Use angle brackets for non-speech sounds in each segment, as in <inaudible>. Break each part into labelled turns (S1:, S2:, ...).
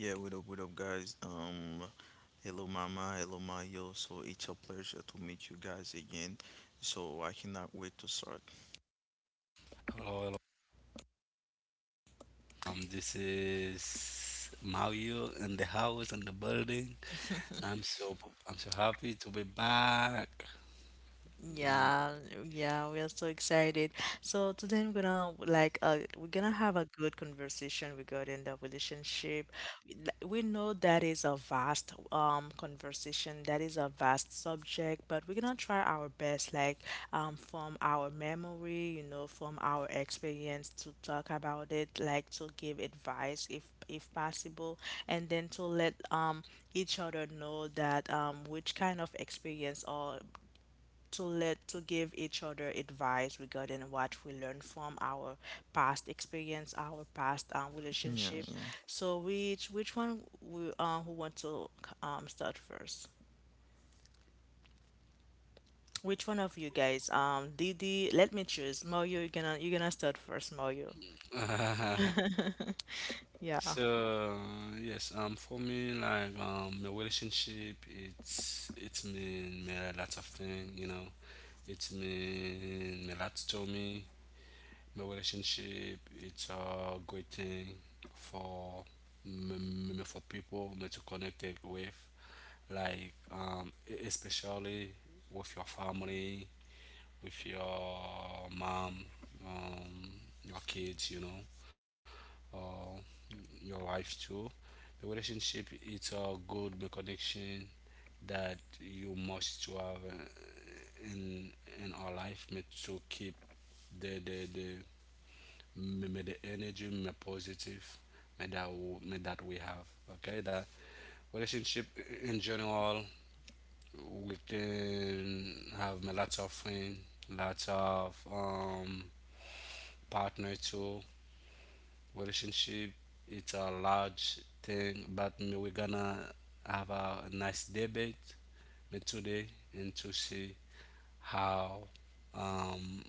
S1: Yeah, what up, guys? Hello, Mama, hello, Mayo. So it's a pleasure to meet you guys again. So I cannot wait to start.
S2: Hello, hello. This is Mario in the house and the building. I'm so I'm so happy to be back.
S1: Yeah, yeah.
S2: Uh, <laughs> so yes, for me, my relationship, it's mean me a lot of thing, you know. It's mean me a lot to me. My relationship, it's a great thing for for people me to connect it with. Especially with your family, with your mom, um, your kids, you know, or your wife too. The relationship it's a good connection that you must to have in our life to keep the me, me the energy me positive me that w- me that we have okay that relationship in general we can have a lots of friends, lots of partner too. Relationship, it's a large thing, but we're gonna have a nice debate me today and to see how um,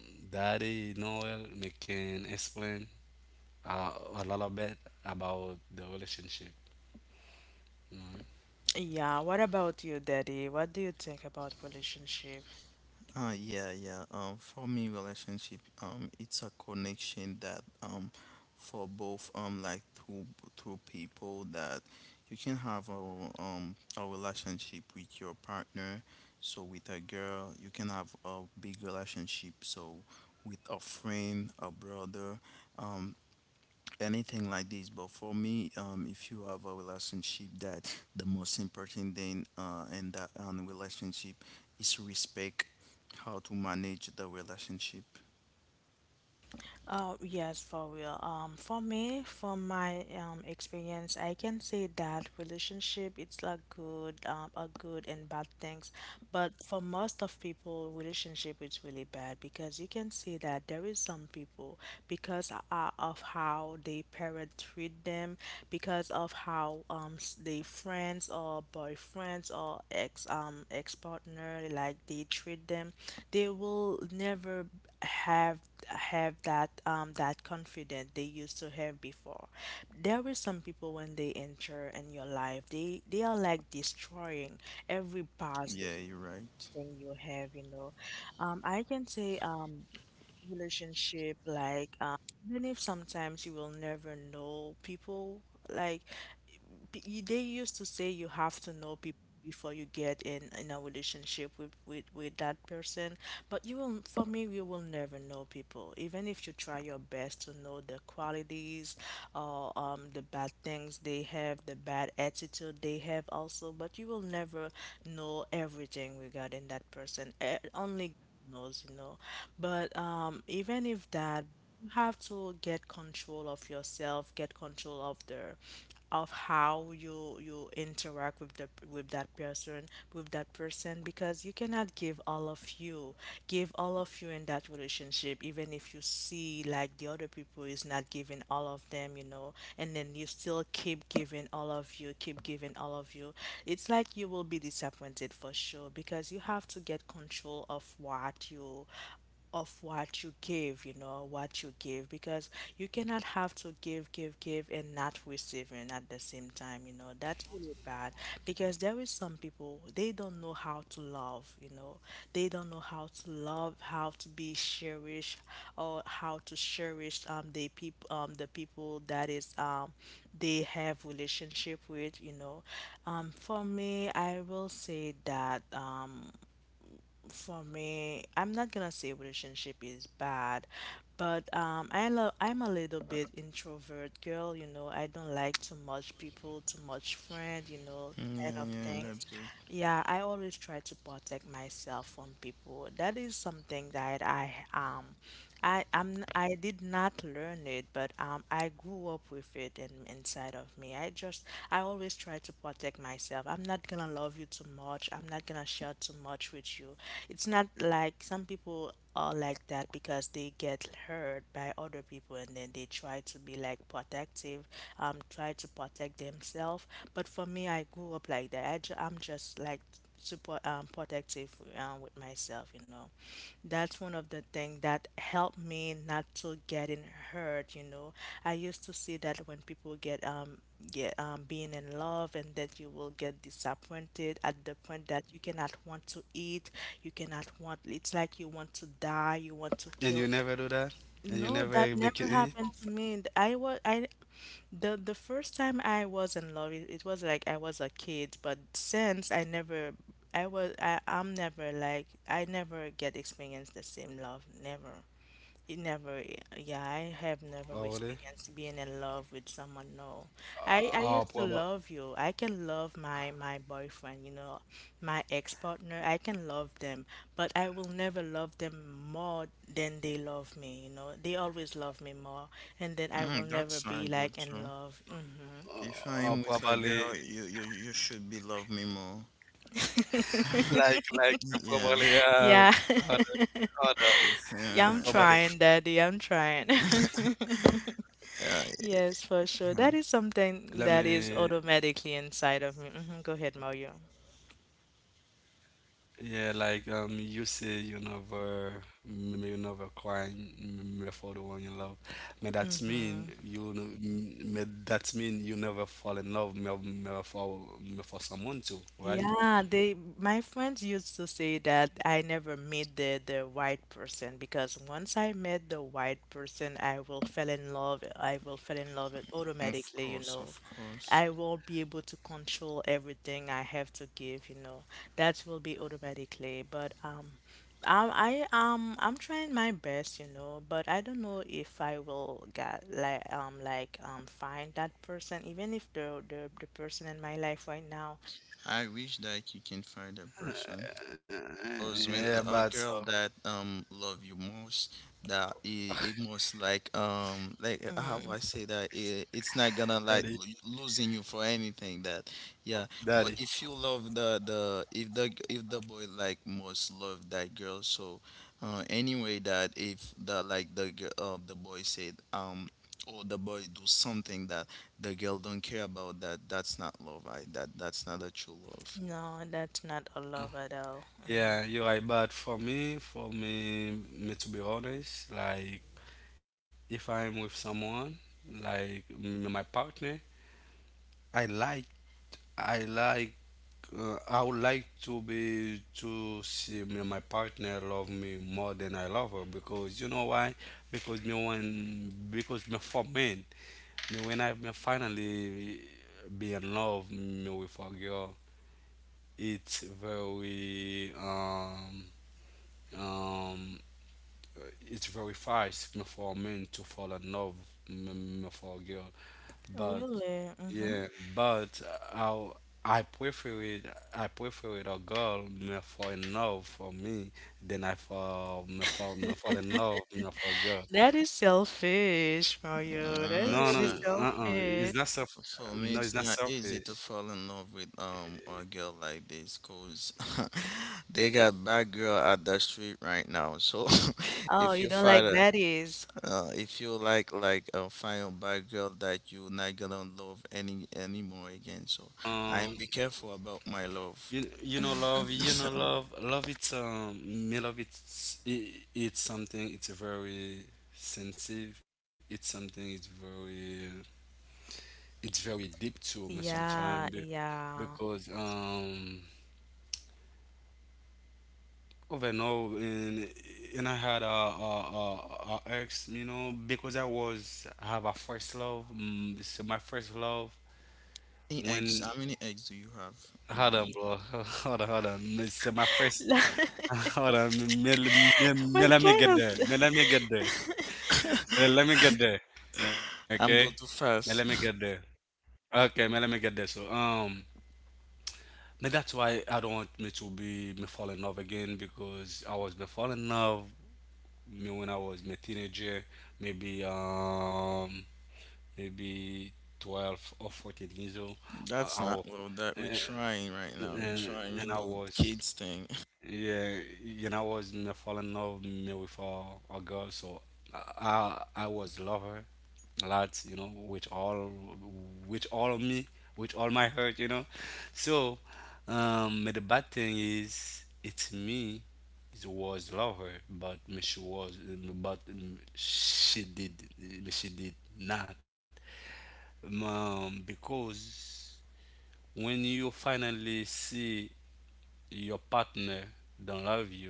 S2: Daddy Noel me can explain a, a little bit about the relationship. Mhm.
S1: Yeah, yeah. For me, relationship, it's a connection that, for both, like two people that you can have a relationship with your partner. So with a girl, you can have a big relationship. So with a friend, a brother, um, anything like this. But for me, if you have a relationship that the most important thing in that relationship is respect, how to manage the relationship. Yeah, you're right. Yeah, yeah, that's good.
S2: And you never do that? And you never make it in it? Or really? Probably.
S1: Mm, that's not good too.
S2: Oh,
S1: If
S2: oh,
S1: I'm with a
S2: probably
S1: girl, you should be love me more.
S2: like we
S1: Yeah,
S2: probably hold on.
S1: it's,
S2: Yeah,
S1: uh,
S2: probably
S1: uh,
S2: let
S1: yeah.
S2: me yeah you say you never m- you never crying for the one you love may that mean you n- may that mean you never fall in love may for someone too, right?
S1: Of course, of course. I wish that you can find a
S2: <laughs>
S1: person. Because
S2: Yeah,
S1: when
S2: but
S1: a
S2: so
S1: girl that love you most, that it most like how
S3: Mm,
S1: I say that it's not gonna
S2: daddy
S1: like losing you for anything that yeah.
S2: daddy.
S1: But if you love the if the if the boy like most love that girl, so anyway that if the like the the boy said or the boy do something that the girl don't care about that that's not love. I that that's not a true love.
S3: no, that's not a love at all. Mhm.
S2: Yeah, you're right. But for me, me to be honest, like if I'm with someone, like my partner, I like, I like, I would like to be to see me, my partner love me more than I love her, because you know why? Because me for men, me when I me finally be in love me with a girl, it's very um It verifies signal for men to fall in love, for a girl, but
S3: Really?
S2: yeah, but I I prefer it. I prefer it a girl me fall in love for me than I fall in love me for a girl.
S3: That is selfish, Mario.
S2: No,
S3: That
S2: no,
S3: is
S1: It's
S3: really
S2: it's not
S3: selfish.
S2: self.
S1: For
S2: No,
S1: me,
S2: it's not
S1: it's not easy to
S2: selfish.
S1: fall in love with a girl like this, cause <laughs> they got bad girl at the street right now. So <laughs>
S3: Oh,
S1: if
S3: you
S1: you
S3: don't
S1: find
S3: like baddies?
S1: if you find a bad girl that you not gonna love any anymore again. So I
S2: Um.
S1: be careful about my love.
S2: You,
S1: <laughs>
S2: you
S1: So,
S2: know love love it's me love it's it's something it's a very sensitive it's something it's very deep to me sometimes be,
S3: Yeah, yeah.
S2: because over now and I had a ex, you know, because I was have a first love, so my first love
S1: How
S2: when.
S1: many eggs do you have,
S2: Hold on,
S1: Mario?
S2: bro. <laughs> Hold on. This is my first. <laughs>
S3: <laughs>
S2: Hold on. Me,
S3: What
S2: let me
S3: kind
S2: get there.
S3: of...
S2: Let me get there. Let me get there. Okay.
S1: <laughs> I'm go too
S2: Let me get there.
S1: fast.
S2: Okay. Let me get there. So, that's why I don't want me to be me fall in love again, because I was me fall in love me when I was me teenager, maybe um, maybe 12 or 14 years old.
S1: That's
S2: I, wa-
S1: not well that we're
S2: and,
S1: trying right now. We're
S2: and
S1: trying we
S2: and I
S1: do
S2: was.
S1: kids thing.
S2: Yeah, you know, I was in a fall in love me with a girl, so I was love her a lot, you know, with all of me, with all my heart, you know. So, but the bad thing is, it's me. It was love her, but me she was, but she did not. Because when you finally see your partner don't love you,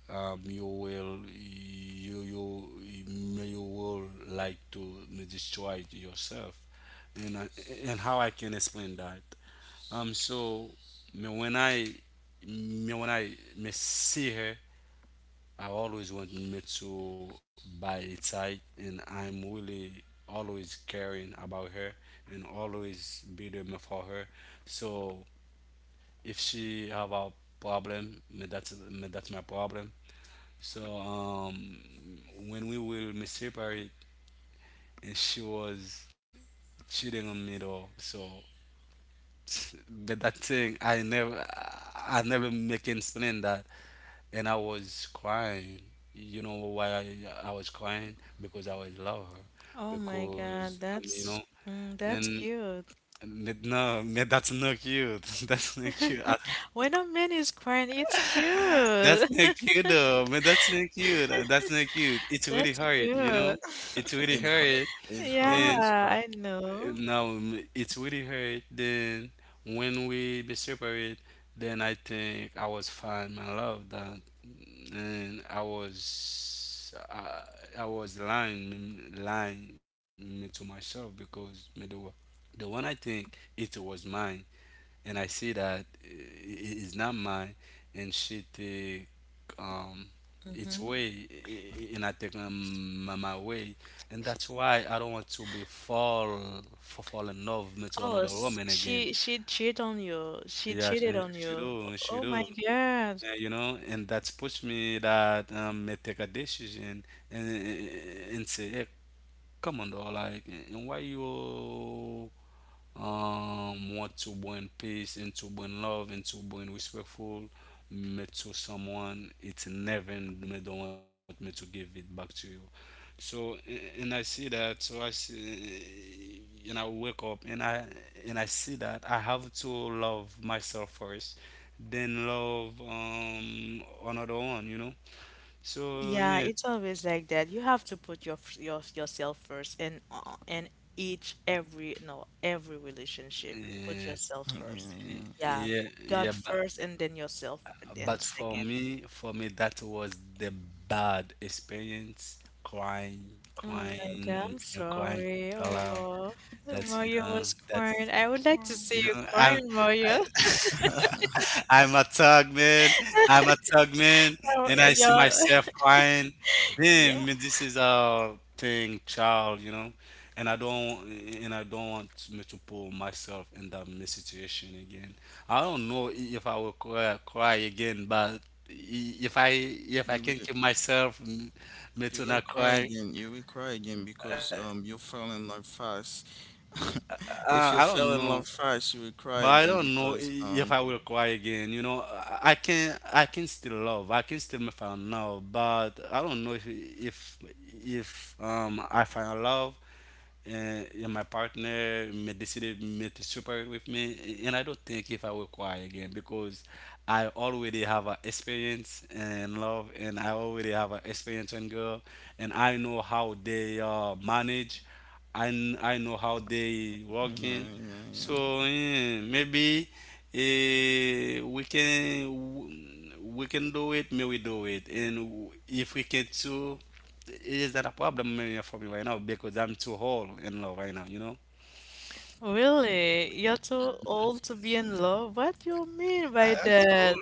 S2: you will you will like to destroy yourself. and I, and how I can explain that, so me when I me when I me see her, I always want me to buy it tight, and I'm really always caring about her and always be there me for her. So if she have a problem me, that's my problem. So when we will me separate, and she was cheating on me though. So <laughs> but that thing I never make explain that, and I was crying. You know why I, I was crying? Because I was love her.
S3: Oh my
S2: Because
S3: God,
S2: you know,
S3: that's
S2: and
S3: cute.
S2: but no, man, that's not cute. <laughs> That's not cute. I-
S3: <laughs> When a man is crying, it's
S2: That's
S3: cute.
S2: not cute though, man.
S3: <laughs>
S2: That's not cute. It's really
S3: That's
S2: hurt, you know.
S3: cute.
S2: It's
S3: <laughs>
S2: really
S1: It's hard.
S2: hurt,
S1: It's hard.
S3: Yeah,
S2: and.
S1: It's hard.
S3: I know.
S2: No, it's really hurt. Then when we be separate, then I think I was fine. My love that, and I was lying me to myself because the one I think it was mine, and I see that it is not mine, and she think um, its
S3: hmm
S2: way and I take, my my way, and that's why I don't want to be fall in love with
S3: Oh,
S2: another woman again.
S3: she cheated on you. She
S2: Yeah,
S3: cheated on
S2: she
S3: you.
S2: do, she
S3: Oh my
S2: do.
S3: God.
S2: You know, and that's pushed me that, may take a decision and and say, hey, come on, though, like, and why you, want to bring peace and to bring love and to bring respectful me to someone it's never me don't want me to give it back to you. So and I see that, so I see, and I will wake up, and I and I see that I have to love myself first, then love another one, you know. So
S3: Yeah,
S2: yeah,
S3: it's always like that. You have to put your your yourself first in each every no every relationship. Put
S2: yeah,
S3: yourself first.
S1: <laughs>
S3: Yeah,
S2: yeah,
S3: put
S2: yeah,
S3: God
S2: but.
S3: first and then yourself then
S2: But for
S3: second.
S2: me, that was the bad experience. Crying,
S3: Oh
S2: crying,
S3: my God,
S2: you
S3: I'm
S2: know, crying
S3: sorry.
S2: aloud.
S3: Oh,
S2: That's, you know,
S3: Mario was
S2: that's,
S3: crying. I would like to
S1: Yeah,
S2: you
S3: see you
S2: know, I'm
S3: crying,
S2: I,
S3: Mario. <laughs>
S1: yeah.
S2: <laughs> I'm a thug man. I'm a thug man,
S3: Oh,
S2: and I see myself crying.
S3: yeah.
S2: Damn,
S3: <laughs>
S2: man, this is a thing, child. You know, and I don't and I don't want me to put myself in that situation again. I don't know if I will cry again, but if I if I
S1: You
S2: can
S1: will.
S2: keep myself me
S1: You
S2: to
S1: will
S2: not
S1: cry
S2: cry,
S1: again. You will cry again because you fell in love fast. <laughs>
S2: uh,
S1: If
S2: I
S1: you
S2: don't
S1: fell in
S2: know.
S1: love fast, you will cry
S2: But I
S1: again
S2: don't know
S1: because
S2: if I will cry again. You know, I can still love. I can still me find love, but I don't know if I find love, and my partner may decided may to separate with me, and I don't think if I will cry again because I already have an experience in love, and I already have an experience in girl, and I know how they manage, and I know how they
S1: yeah
S2: working.
S1: yeah yeah.
S2: So maybe eh, we can we can do it, may we do it. And if we can too, it is not a problem maybe for me right now because I'm too whole in love right now, you know?
S3: Really? You're too old to be in love? What do you mean by
S2: I'm too old.
S3: that?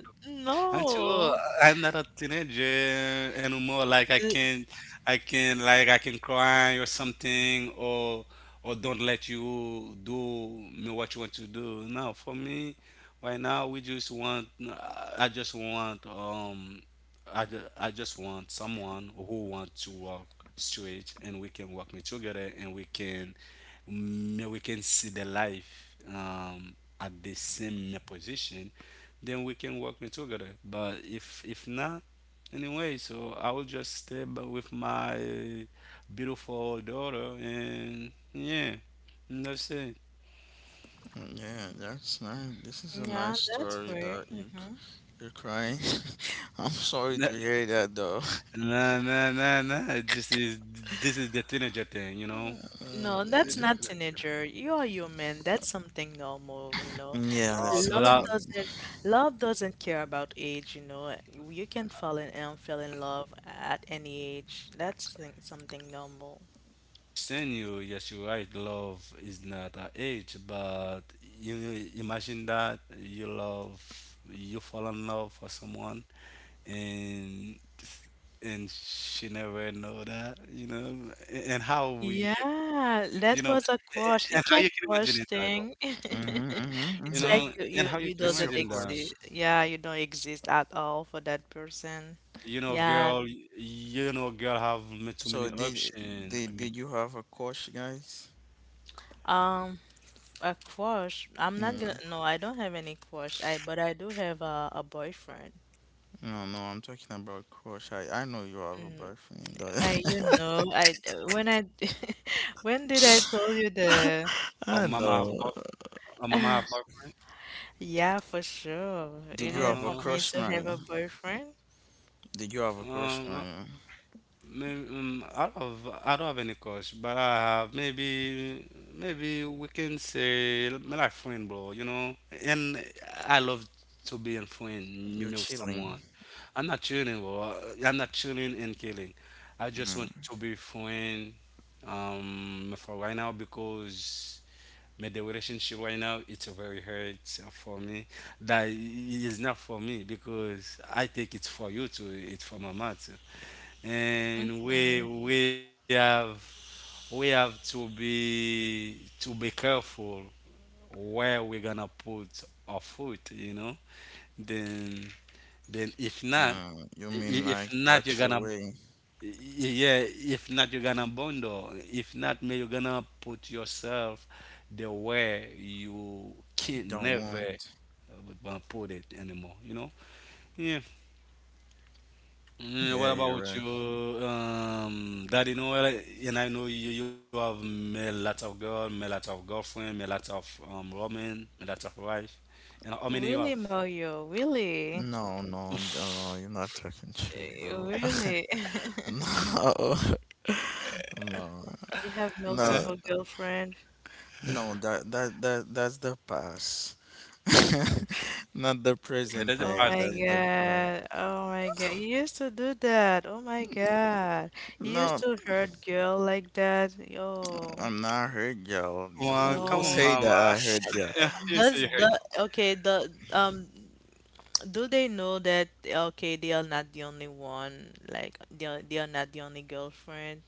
S2: I'm too old.
S3: No.
S2: I'm not a teenager anymore. Like
S3: Uh,
S2: I can like I can cry or something, or don't let you do me what you want to do. No, for me, right now we just want. I just want. I just want someone who want to walk straight, and we can walk me together, and we can, we can see the life. At the same position then we can work me together. But if not, anyway, so I will just with my beautiful daughter, and yeah, and that's it.
S1: Mm, yeah. That's nice. This is a
S3: Yeah,
S1: nice
S3: that's
S1: story
S3: great.
S1: that you're crying. <laughs> I'm sorry
S2: Nah,
S1: to hear that though. <laughs>
S2: nah. This is the teenager thing, you know.
S3: No,
S2: It
S3: that's
S2: is the
S1: Uh,
S3: not
S2: teenager.
S3: teenager. You're human. That's something normal, you know.
S1: yeah, that's
S3: Love
S2: No,
S1: something.
S3: doesn't love doesn't care about age, you know. You can fall in and fall in love at any age. That's something normal.
S2: Senor, yes, you're right. Love is not an age, but you imagine that you fall in love for someone, and and she never know that, you know, and how you, you
S3: Yeah,
S2: know,
S3: that was a
S2: and how you
S3: quash.
S2: can
S3: It's like
S2: imagine it that,
S3: quash thing. <laughs>
S1: Mm-hmm,
S2: you
S1: mm-hmm,
S3: It's
S2: know,
S1: mm-hmm.
S3: like you
S2: and how
S3: you
S2: you can
S3: you
S1: It's your
S2: imagine
S3: doesn't
S2: that,
S1: course.
S3: exist. Yeah, you don't exist at all for that person. Yeah.
S2: you know, girl have too
S1: So
S2: many
S1: did
S2: options.
S1: did did you have a crush, guys?
S3: Um, a quash. I'm not gonna.
S1: Mm.
S3: No, I don't have any quash. I but I do have a boyfriend.
S1: No, no, I'm talking about crush. I know you have a
S3: Mm,
S1: boyfriend, though.
S3: I you know I when I <laughs> when
S2: Or
S3: did I
S2: mama have,
S3: tell you the
S2: or
S1: <laughs>
S2: mama
S1: I
S2: have,
S1: know.
S3: yeah for sure
S2: uh,
S1: Did
S3: you
S1: you
S3: didn't
S1: have a
S3: want me
S1: crush,
S3: to have
S1: Mario?
S3: a boyfriend.
S1: Did you have a crush,
S2: um,
S1: Mario?
S2: Maybe, I don't have any crush, but I have maybe maybe we can say me like friend, bro. You know, and I love to be in friend
S1: You're
S2: me with
S1: chilling.
S2: someone. I'm not chilling, bro. I'm not chilling and killing. I just want
S1: Mm.
S2: to be friend for right now because me the relationship right now it's very hurt for me. That is not for me because I think it's for you too. It's for my mom too, and
S3: Mm.
S2: we have to be careful where we're gonna put our foot, you know, then then if not
S1: You mean like
S2: if not
S1: watch
S2: you're
S1: your
S2: gonna
S1: way?
S2: y- yeah if not you're gonna bundle if not, man, you're gonna put yourself the way you can
S1: Don't
S2: never,
S1: want.
S2: put it anymore, you know. Yeah. Mm,
S1: Yeah,
S2: what
S1: you're right.
S2: about you, Daddy Noel? And I know you, you have met lots of girl, met lots of girlfriend, met lots of woman, met lots of wife. And how many you have?
S3: Really, Mario, really.
S1: No, no, no, no, you're not talking true, bro. <laughs>
S3: Really? <laughs>
S1: No, <laughs> no,
S3: You have
S1: no,
S2: Eh?
S3: multiple girlfriend?
S1: no. That's the past. <laughs> Not the
S2: But that's a
S1: prison
S3: Oh
S2: person.
S1: thing.
S3: my
S1: That's the part.
S3: God. Oh my God. You used to do that. Oh my God. You used
S1: No,
S3: to hurt girl like that. Yo.
S1: I'm not hurt, y'all.
S2: Well,
S1: Who
S2: come on,
S3: No.
S1: say that
S2: mama.
S1: I hurt, y'all?
S2: <laughs> you see
S3: Does
S2: her.
S3: the okay, the do they know that okay, they are not the only one, like they are not the only girlfriend?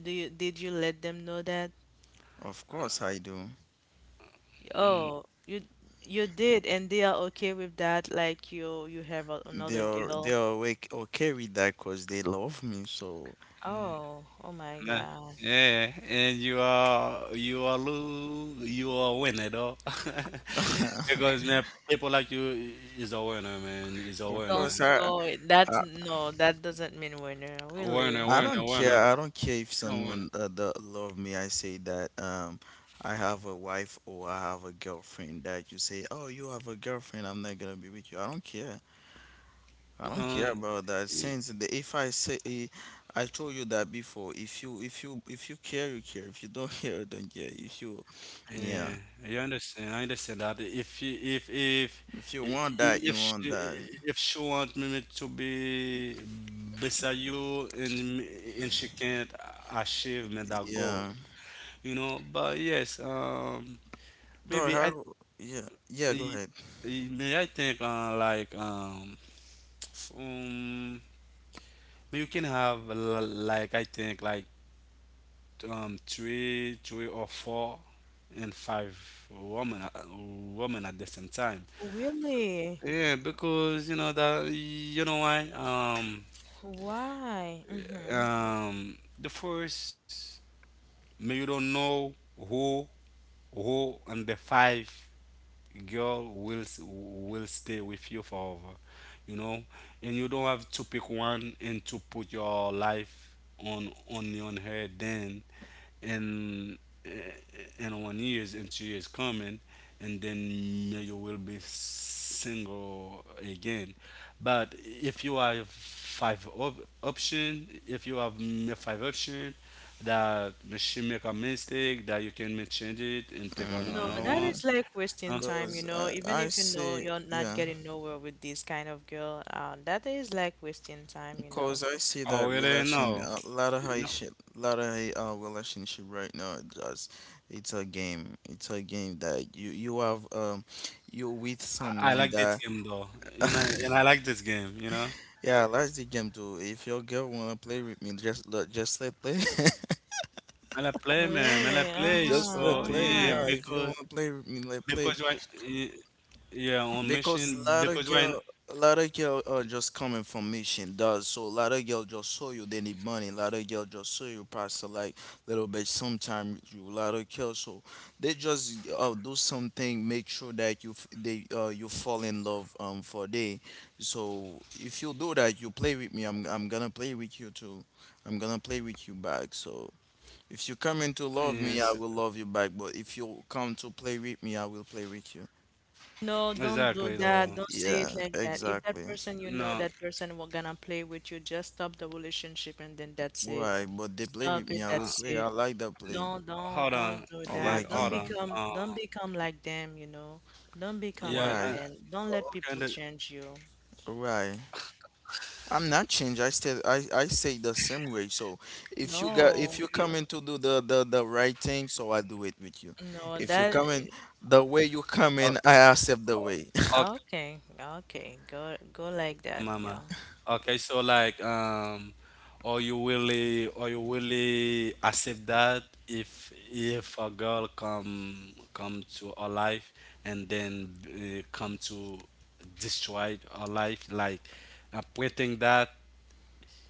S3: Do you did you let them know that?
S1: Of course I do.
S2: Mm,
S3: Oh, you did and they are okay with that, like you have a,
S1: They
S3: another
S1: are they
S3: girl.
S1: are wake okay with that because they love me. So
S2: mm,
S3: Oh, oh my
S2: nah.
S3: God.
S2: Yeah, and you are winner though,
S1: <laughs>
S2: <laughs>
S1: of
S2: because man, people like you is a winner, man, is a
S3: Don't
S2: winner,
S1: course
S3: s- no, that's
S1: I
S3: no, that doesn't mean winner,
S2: winner,
S3: really.
S1: I
S2: winner,
S1: don't care. I don't care if
S2: winner.
S1: someone that love me. I say that I have a wife or I have a girlfriend. That you say, oh, you have a girlfriend. I'm not gonna be with you. I don't care. I
S2: You
S1: don't care
S2: know,
S1: about that.
S2: y-
S1: Since the, if I say eh, I told you that before, if you if you care, you care. If you don't <laughs> care, you don't care. If you
S2: yeah,
S1: yeah,
S2: I understand. I understand that if i-
S1: if you want
S2: if
S1: that, you
S2: she,
S1: want that.
S2: if she want me to be beside you and and she can't achieve me that goal,
S1: Yeah.
S2: you know. But yes,
S1: But
S2: maybe
S1: how?
S2: I,
S1: Yeah. Yeah. Go
S2: I
S1: ahead.
S2: maybe I think like <tsk> um, you can have like I think like three or four, and five women, women at the same time.
S3: Really?
S2: Yeah, because you know that you know why.
S3: Why? Mm-hmm.
S2: The first, may you don't know who who and the five girl will stay with you forever, you know, and you don't have to pick one and to put your life on only on her. Then and and one years and two years coming, and then you will be single again. But if you have option, if you have five option that she make a mistake, that you can make change it and take on
S3: No,
S2: another
S3: that
S2: one.
S1: Uh,
S3: is like wasting
S2: um,
S3: time, you
S1: Cause
S3: know, even
S1: I
S3: if you know
S1: see
S3: you're not
S1: yeah.
S3: getting nowhere with this kind of girl, that is like wasting time, you know.
S1: Cause I see
S2: oh
S1: that
S2: really,
S1: relation
S2: no,
S1: a lot of
S2: you know,
S1: Haitian lot of relationship right now. Just it's a game. It's a game that you have you with
S2: I
S1: someone
S2: like this
S1: that.
S2: game though, and
S1: <laughs>
S2: and I like this game, you know.
S1: Yeah, I like the game too. If your girl wanna play with me, just let play. <laughs>
S2: I like play, man. I
S3: Really?
S2: like play,
S3: Uh-huh,
S1: Just
S2: so
S1: let play. Yeah,
S2: yeah,
S3: uh-huh.
S1: if you wanna play with me, let play.
S2: because why? Yeah, yeah, on mission
S1: Because a lot of
S2: because right,
S1: girl, a lot of girl are just coming from mission does. So a lot of girl just saw you they need money. A lot of girl just saw you pass a like little bit. Sometime you a lot of girl. So they just do something. Make sure that they you fall in love for day. So if you do that, you play with me. I'm gonna play with you too. I'm gonna play with you back. So if you come in to love
S2: yes,
S1: me, I will love you back. But if you come to play with me, I will play with you.
S3: No, don't do
S2: exactly
S3: that.
S2: though.
S3: Don't say it
S1: Yeah,
S3: like that. If that
S1: exactly.
S3: person you know,
S2: No,
S3: that person will gonna play with you, just stop the relationship and then that's it.
S1: Why? But they play with
S3: Stop
S1: me.
S3: it.
S1: I will
S2: uh,
S3: That's
S1: play. I
S3: it.
S1: like that play.
S3: Don't don't
S2: hold
S3: don't
S2: on,
S3: do
S1: I
S2: yeah,
S3: that.
S1: like
S3: Don't
S2: hold
S1: him.
S2: on.
S3: become don't become like them, you know. Don't become
S2: Yeah,
S3: like
S2: uh,
S1: Why?
S3: them. Don't let
S2: okay,
S3: people change you.
S1: Why? I'm not changed. I say the same way. So if you got if
S3: No,
S1: you
S3: you
S1: coming to do the right thing, so I do it with you.
S3: no
S1: If you
S3: that
S1: coming the way you
S2: uh,
S1: coming, I accept the way. <laughs>
S2: okay,
S3: okay, okay. Go go like that.
S2: mama.
S3: Yeah.
S2: Okay, so like, are you really accept that if a girl come to our life and then come to destroy our life, like pretending that.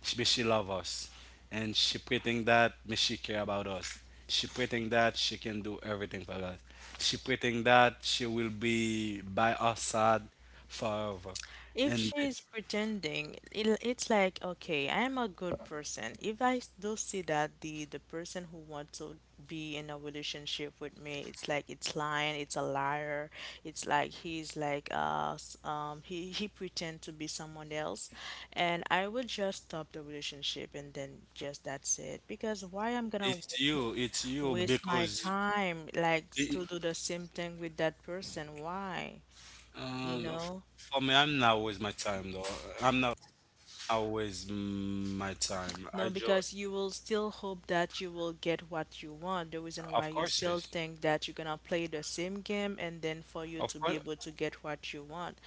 S2: She, but she love us, and she pretend that, but she care about us. She pretend that she can do everything for us. She pretend that she will be by our side forever.
S3: If
S2: And
S3: she's pretending, it's like, okay, I am a good person. If I s- do see that the person who wants to be in a relationship with me, it's like it's lying, it's a liar. It's like he's like he pretend to be someone else, and I will just stop the relationship and then just that's it. Because why I'm gonna
S2: it's you,
S3: waste my
S2: because
S3: time like
S2: it,
S3: to do the same thing with that person? Why? You
S2: um, f-
S3: know?
S2: for me, I'm not always my time though. I'm not always my time.
S3: No, because you will still hope that you will get what you want. The reason why
S2: Of
S3: you
S2: course,
S3: still
S2: yes.
S3: think that you're gonna play the same game and then
S2: Of
S3: for
S2: course,
S3: you to be able to get what you want.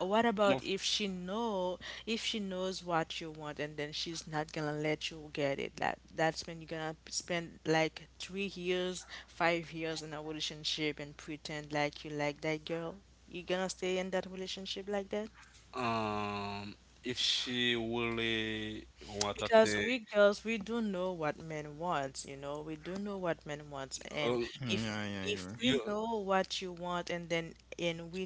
S3: What
S2: of,
S3: about if she know if she knows what you want and then she's not gonna let you get it? That that's when you're gonna spend like 3 years, 5 years in a relationship and pretend like you like that girl. You gonna stay in that relationship like that?
S2: um, if she really want a
S3: Because
S2: thing,
S3: we girls, we do know what men wants, you know, we do know what men wants, and
S2: um,
S3: if
S1: Yeah, yeah,
S3: if
S1: you.
S2: you
S3: we know what you want, and then and we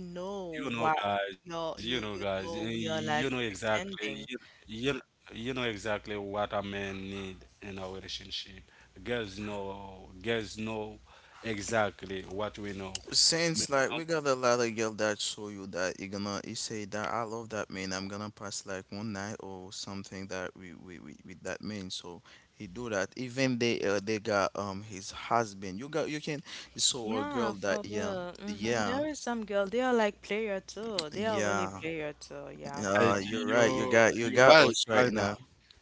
S2: you
S3: know
S2: know,
S3: what
S2: you know, guys,
S3: you know
S2: you
S3: we
S2: know
S3: are like
S2: exactly,
S3: pretending.
S2: you, you know exactly what a man need in our relationship. Girls know exactly what we know. You
S1: Since like
S2: know,
S1: we got a lot of girl that show you that you gonna you say that I love that man I'm gonna pass like one night or something that we with that man so he do that even they got his husband you got you can so a girl
S3: Yeah,
S1: that
S3: for
S1: yeah
S3: real. Mm-hmm.
S1: yeah
S3: There is some girl, they are like player too. They are really
S1: yeah
S3: player too. Yeah,
S2: like
S3: for.
S1: you're right
S2: you,
S1: you
S2: you
S1: got
S2: right
S1: us right
S2: right now.
S1: now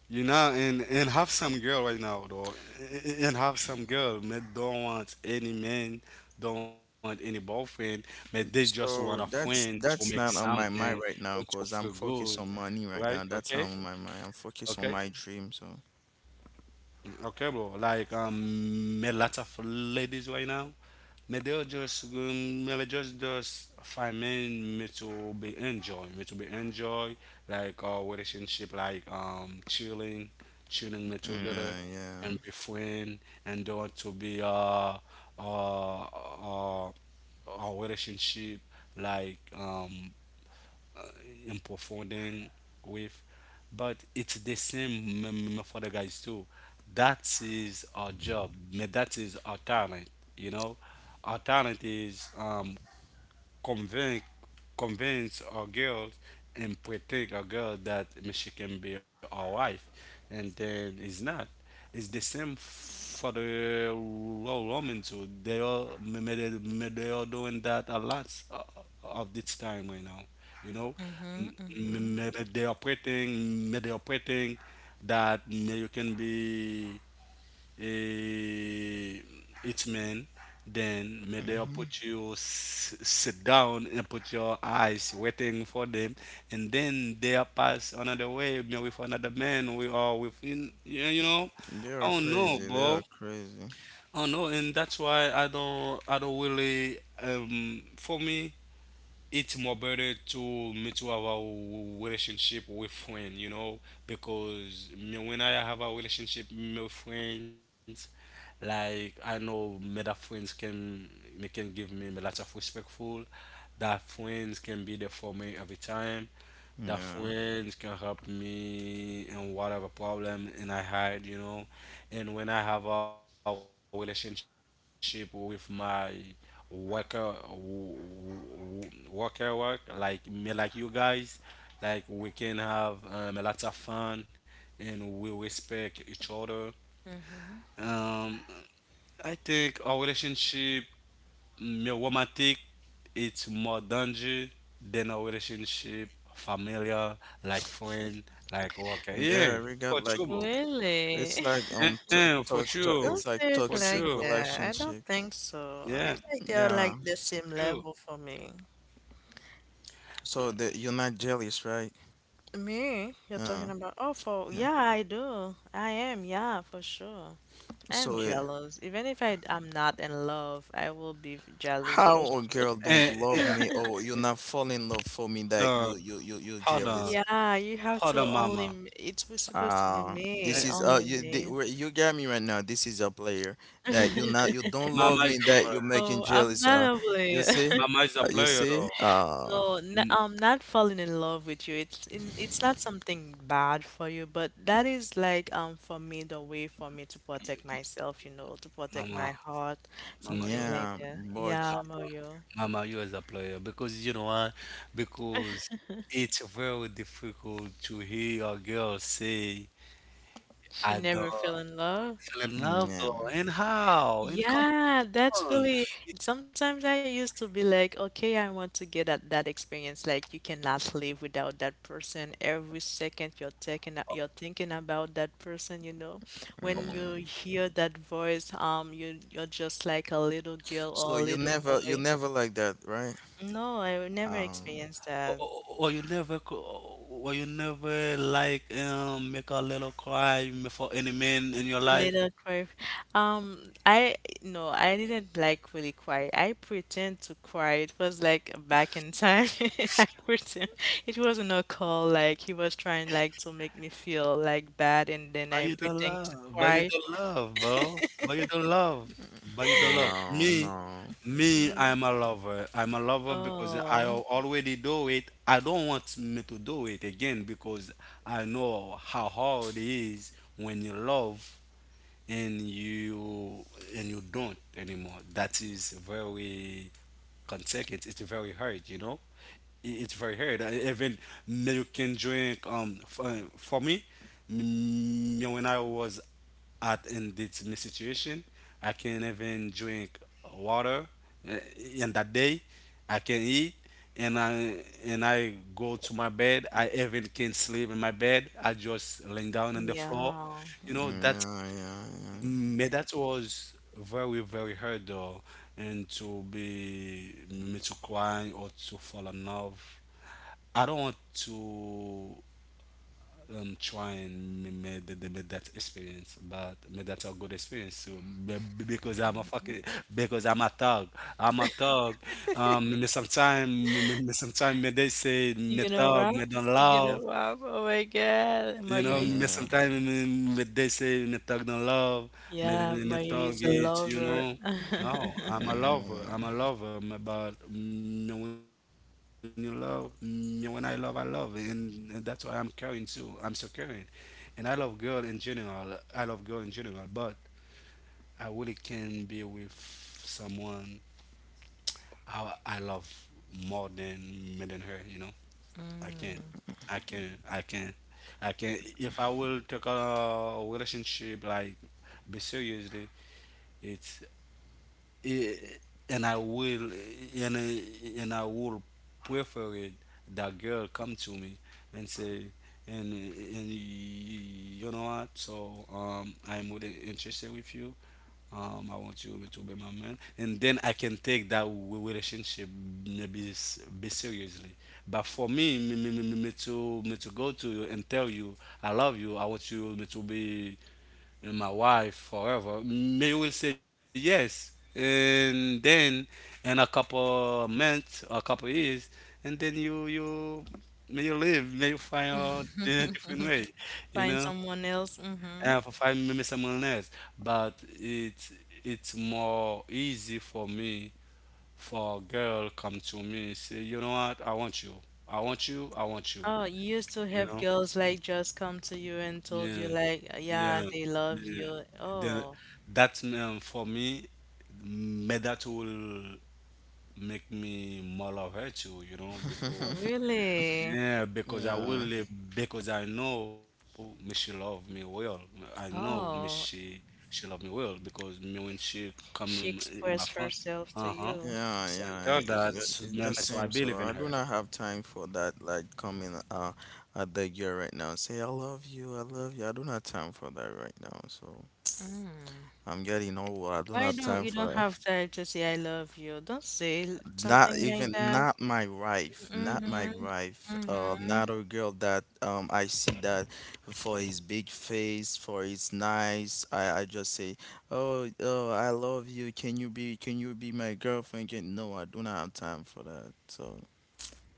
S2: You know, and have some girl right now though, and have some girl may don't want any man, don't want any boyfriend, but they just want a
S1: so
S2: friend to make
S1: that's not on my
S2: something,
S1: mind right now
S2: to
S1: because
S2: feel
S1: I'm
S2: good,
S1: focused on money right
S2: right?
S1: now
S2: Okay.
S1: that's on my mind I'm focused on
S2: Okay.
S1: my dream so
S2: Okay, bro. Like met lots of ladies right now. But they'll just maybe just find men me to be enjoy, me to be enjoy like our relationship, like chilling, chilling me together,
S1: yeah yeah.
S2: and be friend, and don't want to be uh uh our relationship like and profounding with, but it's the same for the guys too. That is our job, that is our talent. You know, our talent is convince convince a girl and protect a girl that she can be our wife. And then it's not, it's the same for the Roman too. They are they are doing that a lot of this time right now. You know,
S3: Mm-hmm, mm-hmm,
S2: May they are praying, may they are praying that may you can be eh, its men, then may they
S1: Mm-hmm.
S2: put you sit down and put your eyes waiting for them, and then they are pass another way, maybe with another man, we are within, yeah, you know.
S1: They are
S2: I don't know,
S1: crazy. They are
S2: bro.
S1: crazy.
S2: I don't know, and that's why I don't really, for me, it's more better to me to have a relationship with friend, you know, because me when I have a relationship with friends, like I know me that friends can me can give me lots of respectful, that friends can be there for me every time, that
S1: Yeah.
S2: friends can help me in whatever problem and I had, you know. And when I have a relationship with my worker, worker work, like me, like you guys, like we can have a lot of fun, and we respect each other.
S3: mm-hmm.
S2: Um, I think our relationship romantic, it's more danger than a relationship familiar, like friend, like worker. Yeah,
S1: Yeah, we got
S2: for
S1: like
S2: sure, bro.
S1: it's
S3: Really?
S1: like
S3: <laughs>
S2: Yeah, for sure.
S3: Don't
S1: it's like
S3: say it
S2: For
S3: like
S1: toxic
S2: sure,
S3: that. I don't
S1: relationship.
S3: think so.
S2: yeah,
S3: It's like they are
S1: Yeah.
S3: like the same
S2: true.
S3: level for me.
S1: So that you're not jealous, right?
S3: Me? You're talking
S1: Yeah.
S3: about oh for
S1: Yeah.
S3: yeah, I do. I am, yeah, for sure. I am
S1: So
S3: jealous. Even if I am not in love, I will be jealous for
S1: how a girl
S3: sure.
S1: don't
S2: and,
S1: love
S2: and
S1: me
S3: <laughs>
S1: or you're not fall in love for me
S2: hold
S1: that you
S2: on,
S1: you you you're
S2: hold on,
S1: jealous.
S3: Yeah, you have
S2: hold
S3: to
S2: on,
S3: only
S2: mama.
S3: it was supposed to be
S1: This
S3: me,
S2: Eh,
S1: is
S3: only
S1: you the,
S3: me.
S1: where- you got me right now. This is a player that you not
S3: <laughs>
S1: you don't love
S2: mama is
S1: me
S2: a
S1: that you're
S2: player,
S1: making
S3: No, I'm
S1: jealous.
S3: not a
S1: You
S3: player.
S1: see,
S2: mama is a
S1: you
S2: player
S1: see,
S2: though.
S1: uh.
S3: No, n
S2: Mm,
S3: not falling in love with you. It's not something bad for you, but that is like for me the way for me to protect myself, you know, to protect
S2: mama,
S3: my heart,
S2: mama you
S3: something
S2: are,
S3: like
S1: Yeah,
S3: that.
S1: but
S3: Yeah,
S2: mama.
S3: Mario.
S2: Mama, you as a player because you know why? Because it's very difficult to hear a girl say
S3: She never
S2: Adore
S3: fell in love.
S2: fell in love
S1: yeah.
S2: though, and how? And come
S3: Yeah,
S2: on,
S3: that's
S2: it's
S3: really. Sometimes I used to be like, okay, I want to get at that experience. Like, you cannot live without that person. Every second you're taking, you're thinking about that person. You know,
S2: or,
S3: when you
S1: Mm.
S3: hear that voice, you you're just like a little girl or
S1: So
S3: a little
S1: you
S3: boy.
S1: never like that, right?
S3: No, I would never
S1: Um,
S3: experienced that.
S2: or you never or you never like make a little cry for any man in your life.
S3: Little cry. I no, I didn't like really cry. I pretend to cry. It was like back in time. <laughs> I pretend it wasn't a call. Like he was trying like to make me feel like bad, and then
S2: But
S3: I
S2: you don't
S3: pretend to
S2: love, but you
S3: cry.
S2: don't love, bro. But you don't love, but you don't love
S1: no,
S2: me.
S1: no.
S2: Me, I'm a lover. I'm a lover because I
S3: Oh,
S2: already do it. I don't want me to do it again, because I know how hard it is when you love and you and you don't anymore. That is very consequence. It's very hard, you know. It's very hard. Even me, you can drink. For me, me when I was at in this my situation. I can't even drink water uh, in that day. I can eat, and I go to my bed. I even can't sleep in my bed. I just laying down on the floor.
S3: yeah.
S2: You know that.
S1: Yeah, yeah, yeah.
S2: That was very very hard though, and to be me to cry or to fall in love. I don't want to try and make, make that experience, but make that a good experience, so because I'm a
S3: Mhm.
S2: fucking, because I'm a thug, I'm a thug, sometimes they say me
S3: You gonna
S2: thug,
S3: rap?
S2: me don't
S3: You gonna
S2: love,
S3: rap? Oh my God,
S2: you
S3: Mario.
S2: know, mais sometimes when they say in a thug don't love, mais
S3: Yeah,
S2: in a
S3: Mario
S2: thug,
S3: is a
S2: you
S3: lover. <laughs>
S2: know, no,
S1: Yeah,
S2: I'm a lover, but me when you love, me when I love, and that's why I'm caring too. I'm so caring, and I love girl in general. I love girl in general, but I really can be with someone I love more than me than her, you know. I can't.
S3: Mm.
S2: I can't. I can't. I can't. If I will take a relationship like be seriously, it's it, and I will prefer it. That girl come to me and say, and you know what? So I'm really interested with you. I want you to be my man, and then I can take that relationship maybe be seriously. But for me, me to go to you and tell you I love you. I want you me to be my wife forever. May you will say yes, and then in a couple months, a couple years, and then you may you live, may you find out in a different way,
S3: <laughs>
S2: you
S3: Find
S2: know.
S3: someone else.
S2: And for find maybe someone else, but it's more easy for me for a girl come to me say, you know what, I want you, I want you, I want you,
S3: Oh, you used to
S2: you
S3: have
S2: know,
S3: girls like just come to you and told you
S2: yeah,
S3: like, yeah,
S2: yeah,
S3: they love
S2: yeah.
S3: you.
S2: Then
S3: Oh,
S2: that, for me, may that will make me more love her too, you know, because
S3: really?
S2: yeah, because I will, because I know me she love me well. I know me
S3: Oh,
S2: she love me well because me when she come
S3: she
S2: in my
S3: expressed
S2: front,
S3: herself to
S2: uh huh.
S1: yeah,
S3: you.
S1: yeah,
S2: So I
S1: yeah.
S2: tell that,
S3: Y-
S1: It's the
S2: so I
S1: same. So
S2: believe in
S1: I do
S2: her.
S1: not have time for that. Like coming at the girl right now, say I love you, I love you. I do not time for that right now. So
S3: Mm.
S1: I'm getting old. I do
S3: Why
S1: not
S3: don't
S1: time
S3: you
S1: for
S3: don't
S1: that.
S3: have time to say I love you? Don't say l-
S1: Not
S3: something like
S1: even
S3: that.
S1: not my wife, not my
S3: Mm-hmm.
S1: wife.
S3: Mm-hmm.
S1: Not a girl that I see that for his big face, for his nice. I just say, oh, I love you. Can you be my girlfriend? Can, no, I do not have time for that. So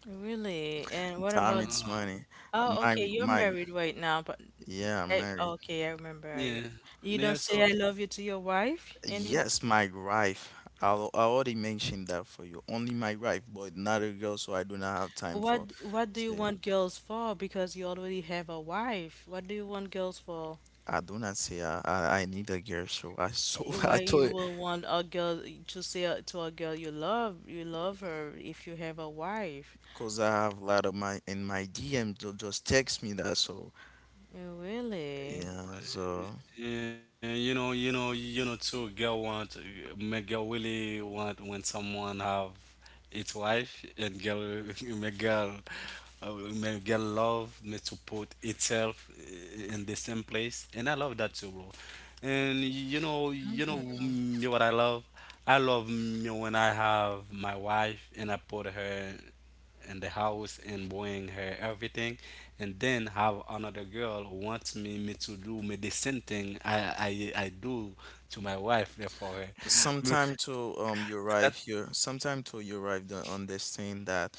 S3: Really? And what
S1: time
S3: about,
S1: it's
S2: Uh,
S1: money.
S3: oh,
S1: My
S3: okay, you're
S1: my
S3: married right now, but
S1: yeah, I'm
S3: I,
S1: married.
S3: okay, I remember. You,
S2: yeah,
S3: you don't
S2: yeah.
S3: say I
S2: So
S3: love you to your wife anymore?
S1: Yes, my wife. I already mentioned that for you. Only my wife, but not a girl. So I do not have time for.
S3: What do you
S1: Say.
S3: want girls for? Because you already have a wife. What do you want girls for?
S1: I do not say I need a girl, so I so <laughs>
S3: Why
S1: I told
S3: you
S1: it
S3: will want a girl to a girl you love her if you have a wife?
S1: because I have a lot of my in my DM to just text me that so
S3: Really?
S1: yeah so
S2: yeah, you know, you know, you know, too. Girl want, make girl really want when someone have its wife and girl, <laughs> make girl, uh, make girl love me to put itself in the same place. And I love that too, bro. And you know,
S3: Mm-hmm.
S2: me what I love. I love me when I have my wife and I put her in the house and buying her everything, and then have another girl who wants me, me to do me the same thing I do to my wife therefore
S1: sometime to you
S2: <laughs> that
S1: arrive here sometime to you arrive to understand that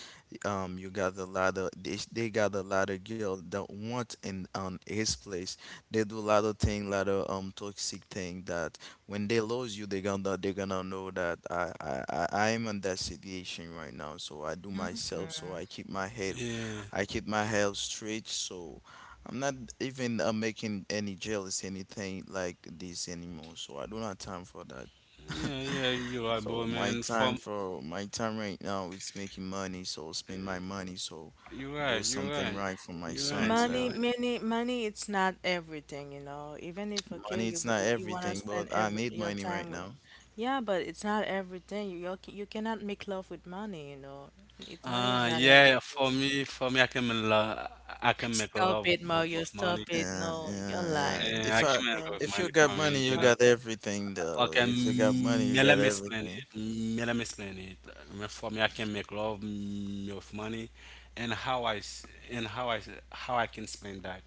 S1: you got a lot of they got a lot of girl that want in on his place they do a lot of thing lot of toxic thing that when they lose you they gonna know that I am in that situation right now so I do myself so I keep my head
S2: yeah
S1: I keep my head straight so I'm not even making any jealous anything like this anymore, so I don't have time for that.
S2: yeah
S1: <laughs>
S2: yeah you're right, bro,
S1: So my
S2: man
S1: time
S2: from,
S1: for my time right now is making money, so spend my money, so
S2: you're
S1: do
S2: right, you're
S1: something
S2: right,
S1: right for my
S2: you're right,
S1: sons.
S2: you're
S3: Money,
S2: right,
S3: money, money, it's not everything, you know. Even if okay,
S1: Money
S3: you
S1: it's not
S3: go, you wanna
S1: everything,
S3: spend
S1: but I
S3: every
S1: need
S3: your
S1: money right
S3: time with,
S1: now.
S3: yeah, but it's not everything. You cannot make love with money, you know. It's money is not
S2: yeah, for
S3: everything.
S2: me, for me I can make love, I can make
S3: Stop
S2: love
S3: it,
S2: with
S3: Mario.
S2: money,
S3: Stop it.
S1: Yeah,
S3: No, you're
S1: yeah,
S2: and
S1: yeah.
S2: I
S3: lying
S2: can
S1: If
S2: make
S3: for
S1: I
S2: love with
S3: sure.
S2: money
S1: if
S2: for
S1: you got
S2: me, you know.
S1: money, you
S3: Stop
S1: got
S3: it.
S1: everything
S2: Okay,
S1: though. If you got money, you
S2: yeah, let
S1: got
S2: me explain it.
S1: everything.
S2: Yeah, let me explain it. For me, I can make love with money, and and how I can explain that.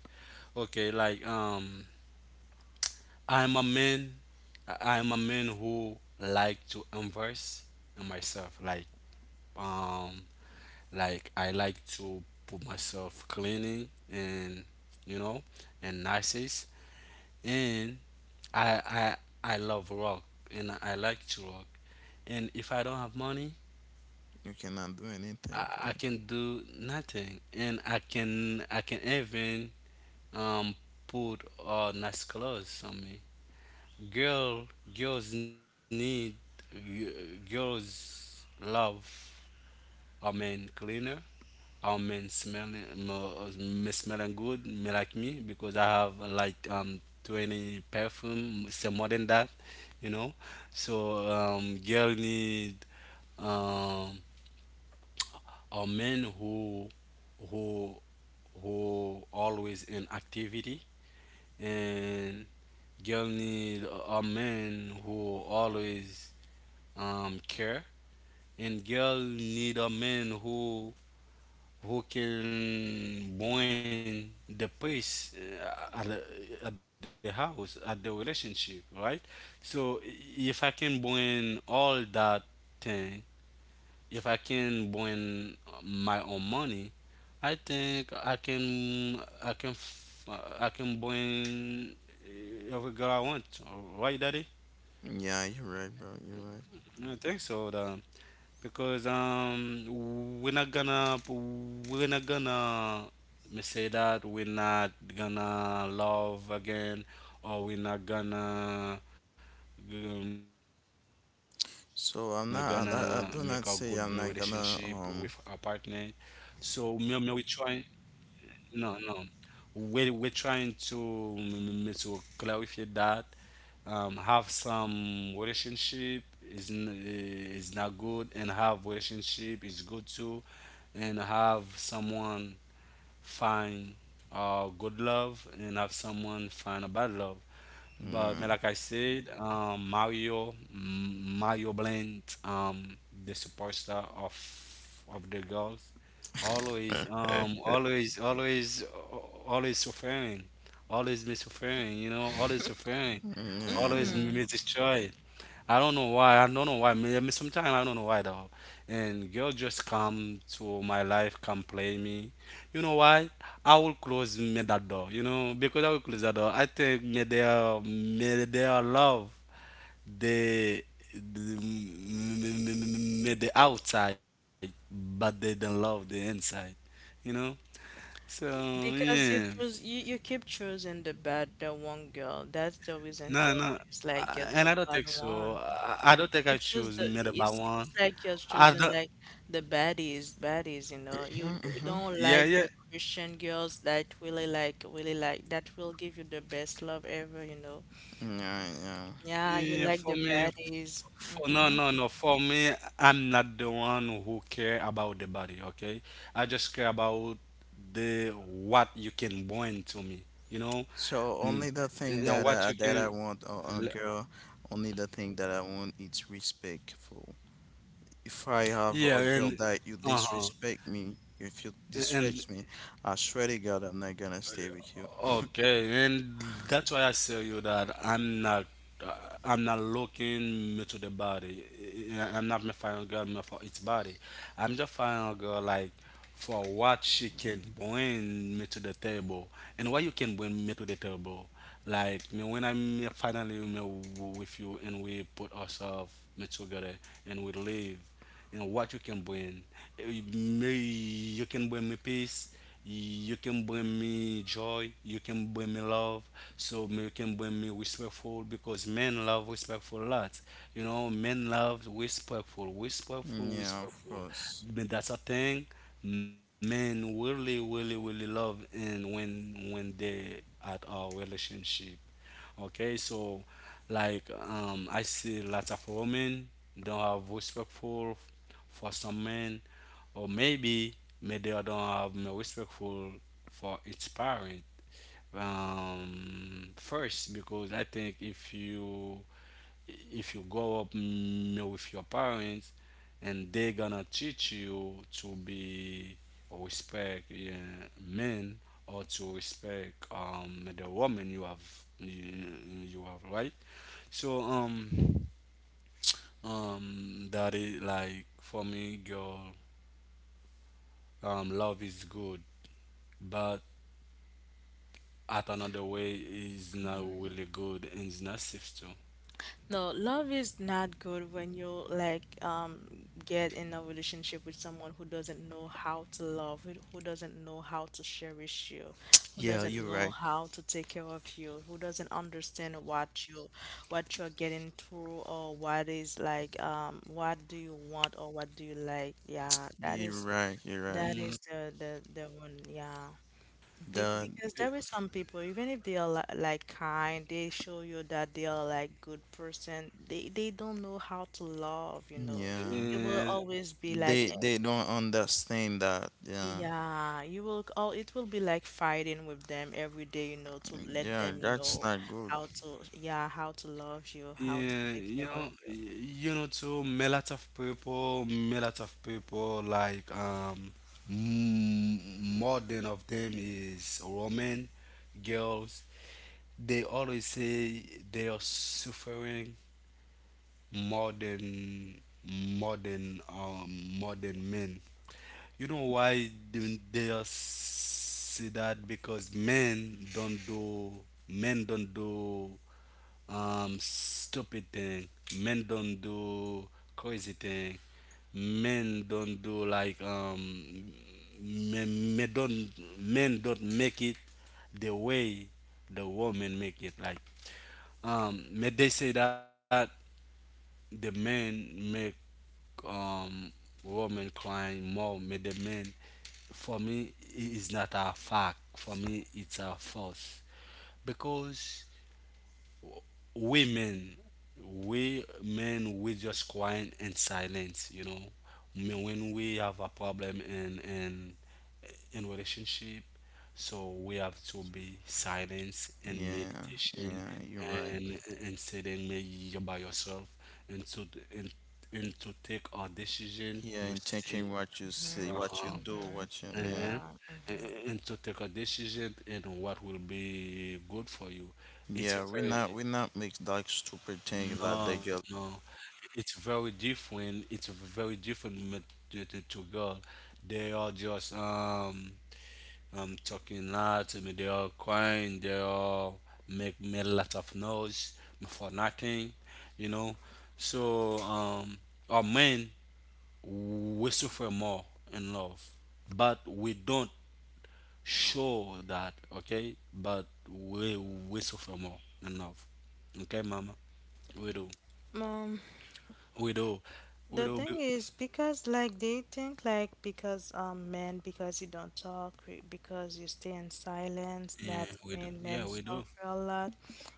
S2: Okay, like I'm a man. I'm a man who like to invest in myself. Um, like I like to put myself cleaning and you know and nices and I I I love rock and I like to rock. And if I don't have money,
S1: You cannot do anything, bro.
S2: I can do nothing, and I can even um put nice clothes on me. Girl, girls need g- girls love a man cleaner and me smelling good me like me because I have like 20 perfume say more than that. you know Girl need um a man who who who always in activity and girl need a man who always care and girl need a man who can win the peace at the house, at the relationship, right? So if I can win all that thing, if I can win my own money, I think I can I can win every girl I want. Right, Daddy?
S1: Yeah, you're right, bro. You're right.
S2: I think so. Because we're not gonna we're not gonna let me say that we're not gonna love again, or we're not gonna we're gonna make a good relationship with
S1: I
S2: our
S1: do not
S2: partner.
S1: say I'm not gonna.
S2: So me, me we try. No, no. We're trying to to clarify that have some relationship is is not good and have relationship is good too, and have someone find good love and have someone find a bad love. But man, like
S1: Yeah.
S2: I said, Mario, Mario Blend, the superstar of the girls, always,
S1: <laughs>
S2: always, always suffering, always me suffering, you know, always suffering, always
S1: Yeah.
S3: Mm-hmm.
S2: me destroy. I don't know why. I don't know why. Me sometimes I don't know why though. And girl just come to my life, come play me. You know why? I will close me that door. You know because I will close that door. I think me their love the the outside, but they don't love the inside. You know. So yeah,
S3: Because you keep choosing the bad, the one girl. That's the reason
S2: no,
S3: you
S2: no,
S3: always like get
S2: and I
S3: the
S2: don't
S3: bad
S2: think so.
S3: one.
S2: I don't think I
S3: You choose
S2: choose
S3: the,
S2: me the
S3: it
S2: bad
S3: seems
S2: one.
S3: like you're
S2: I
S3: choosing
S2: don't.
S3: like the baddies, baddies, you know. You
S1: Yeah. <laughs>
S3: don't
S2: Yeah,
S3: like
S2: yeah.
S3: the Christian girls that really like, that will give you the best love ever, you know.
S1: Yeah, yeah.
S3: Yeah, you
S2: Eh,
S3: like
S2: for
S3: the
S2: me,
S3: baddies.
S2: no,
S3: Mm-hmm.
S2: no, no. For me, I'm not the one who care about the body. Okay, I just care about the what you can bring to me. You know,
S1: So
S2: mm,
S1: only the thing
S2: and
S1: that
S2: what you
S1: I
S2: can.
S1: want a girl, only the thing that I want is respectful. If I
S2: Yeah,
S1: have a
S2: and
S1: girl that
S2: uh
S1: you
S2: huh,
S1: disrespect me, if you
S2: and
S1: disrespect me, I swear to God I'm not gonna stay with you.
S2: okay, and that's why I tell you that uh, I'm not looking to the body. I'm not my final girl me for its body. I'm just final girl like for what she can bring me to the table and what you can bring me to the table. Like me when I'm finally me with you and we put ourselves me together and we live and what you can bring. Me, you can bring me peace, you can bring me joy, you can bring me love, so you can bring me respectful because men love respectful lots, you know men love respectful respectful
S1: Yeah, of
S2: respectful,
S1: course.
S2: but that's a thing men really really really love, and when they at our relationship. Okay, so like I see lots of women don't have respectful for some men, or maybe maybe I don't have no respectful for its parent, first because I think if you grow up with your parents and they gonna teach you to be or respect, yeah, men, or to respect the woman you you have right. So that is like for me girl, love is good but at another way is not really good and it's not safe too.
S3: No, love is not good when you like get in a relationship with someone who doesn't know how to love, who doesn't know how to cherish you, who
S1: Yeah, you're
S3: doesn't know
S1: right.
S3: how to take care of you, who doesn't understand what you what you're getting through or what is like what do you want or what do you like. Yeah,
S1: You're right. You're right.
S3: that
S2: Mm,
S3: is the one. Yeah. Be
S1: That,
S3: because there is some people, even if they are li like kind, they show you that they are like good person. They don't know how to love, you know.
S1: yeah.
S3: You will
S2: yeah,
S3: always be like, eh,
S1: They don't understand that. Yeah.
S3: yeah, you will all. It will be like fighting with them every day, you know, to let
S1: Yeah,
S3: them
S1: that's
S3: know
S1: not good.
S3: how to, yeah, how to love you, how to
S2: yeah,
S3: take
S2: you
S3: care of
S2: know,
S3: you.
S2: you know too. Me lot of people, me lot of people like more than of them is women, girls. They always say they are suffering more than more than um more than men. You know why do they are say that? Because men don't do stupid thing. Men don't do crazy thing. Men don't do like men, men don't men don't make it the way the woman make it. Like may they say that the men make um woman crying more. May the men, for me it's not a fact, for me it's a force because w- women, we men we just quiet and silence, you know. When we have a problem in relationship, so we have to be silence and
S1: Yeah.
S2: meditation
S1: Yeah, you're right.
S2: and and sitting maybe you by yourself and and, and to take a decision,
S1: Yeah,
S2: you
S1: and
S2: see.
S1: checking what you see,
S3: Mm-hmm.
S1: what you
S2: Uh-huh.
S1: do, what you
S3: Mm-hmm.
S1: yeah.
S2: uh
S3: Yeah.
S2: and to take a decision and what will be good for you. It's a
S1: Yeah, we
S2: very
S1: not we not make like stupid thing like
S2: no,
S1: that
S2: no.
S1: girl
S2: It's very different. It's very different to girl. They are just talking lots. I mean, they are crying. They are make a lot of noise for nothing, you know. So our men we suffer more in love, but we don't show that, okay? But we suffer more enough. Okay, mama? We do.
S3: Mm-hmm.
S2: We do. We
S3: The
S2: do be,
S3: thing is because like they think like because men because you don't because you stay in silence
S2: yeah,
S3: that's
S2: we do.
S3: when
S2: Yeah,
S3: men
S2: we do.
S3: suffer a lot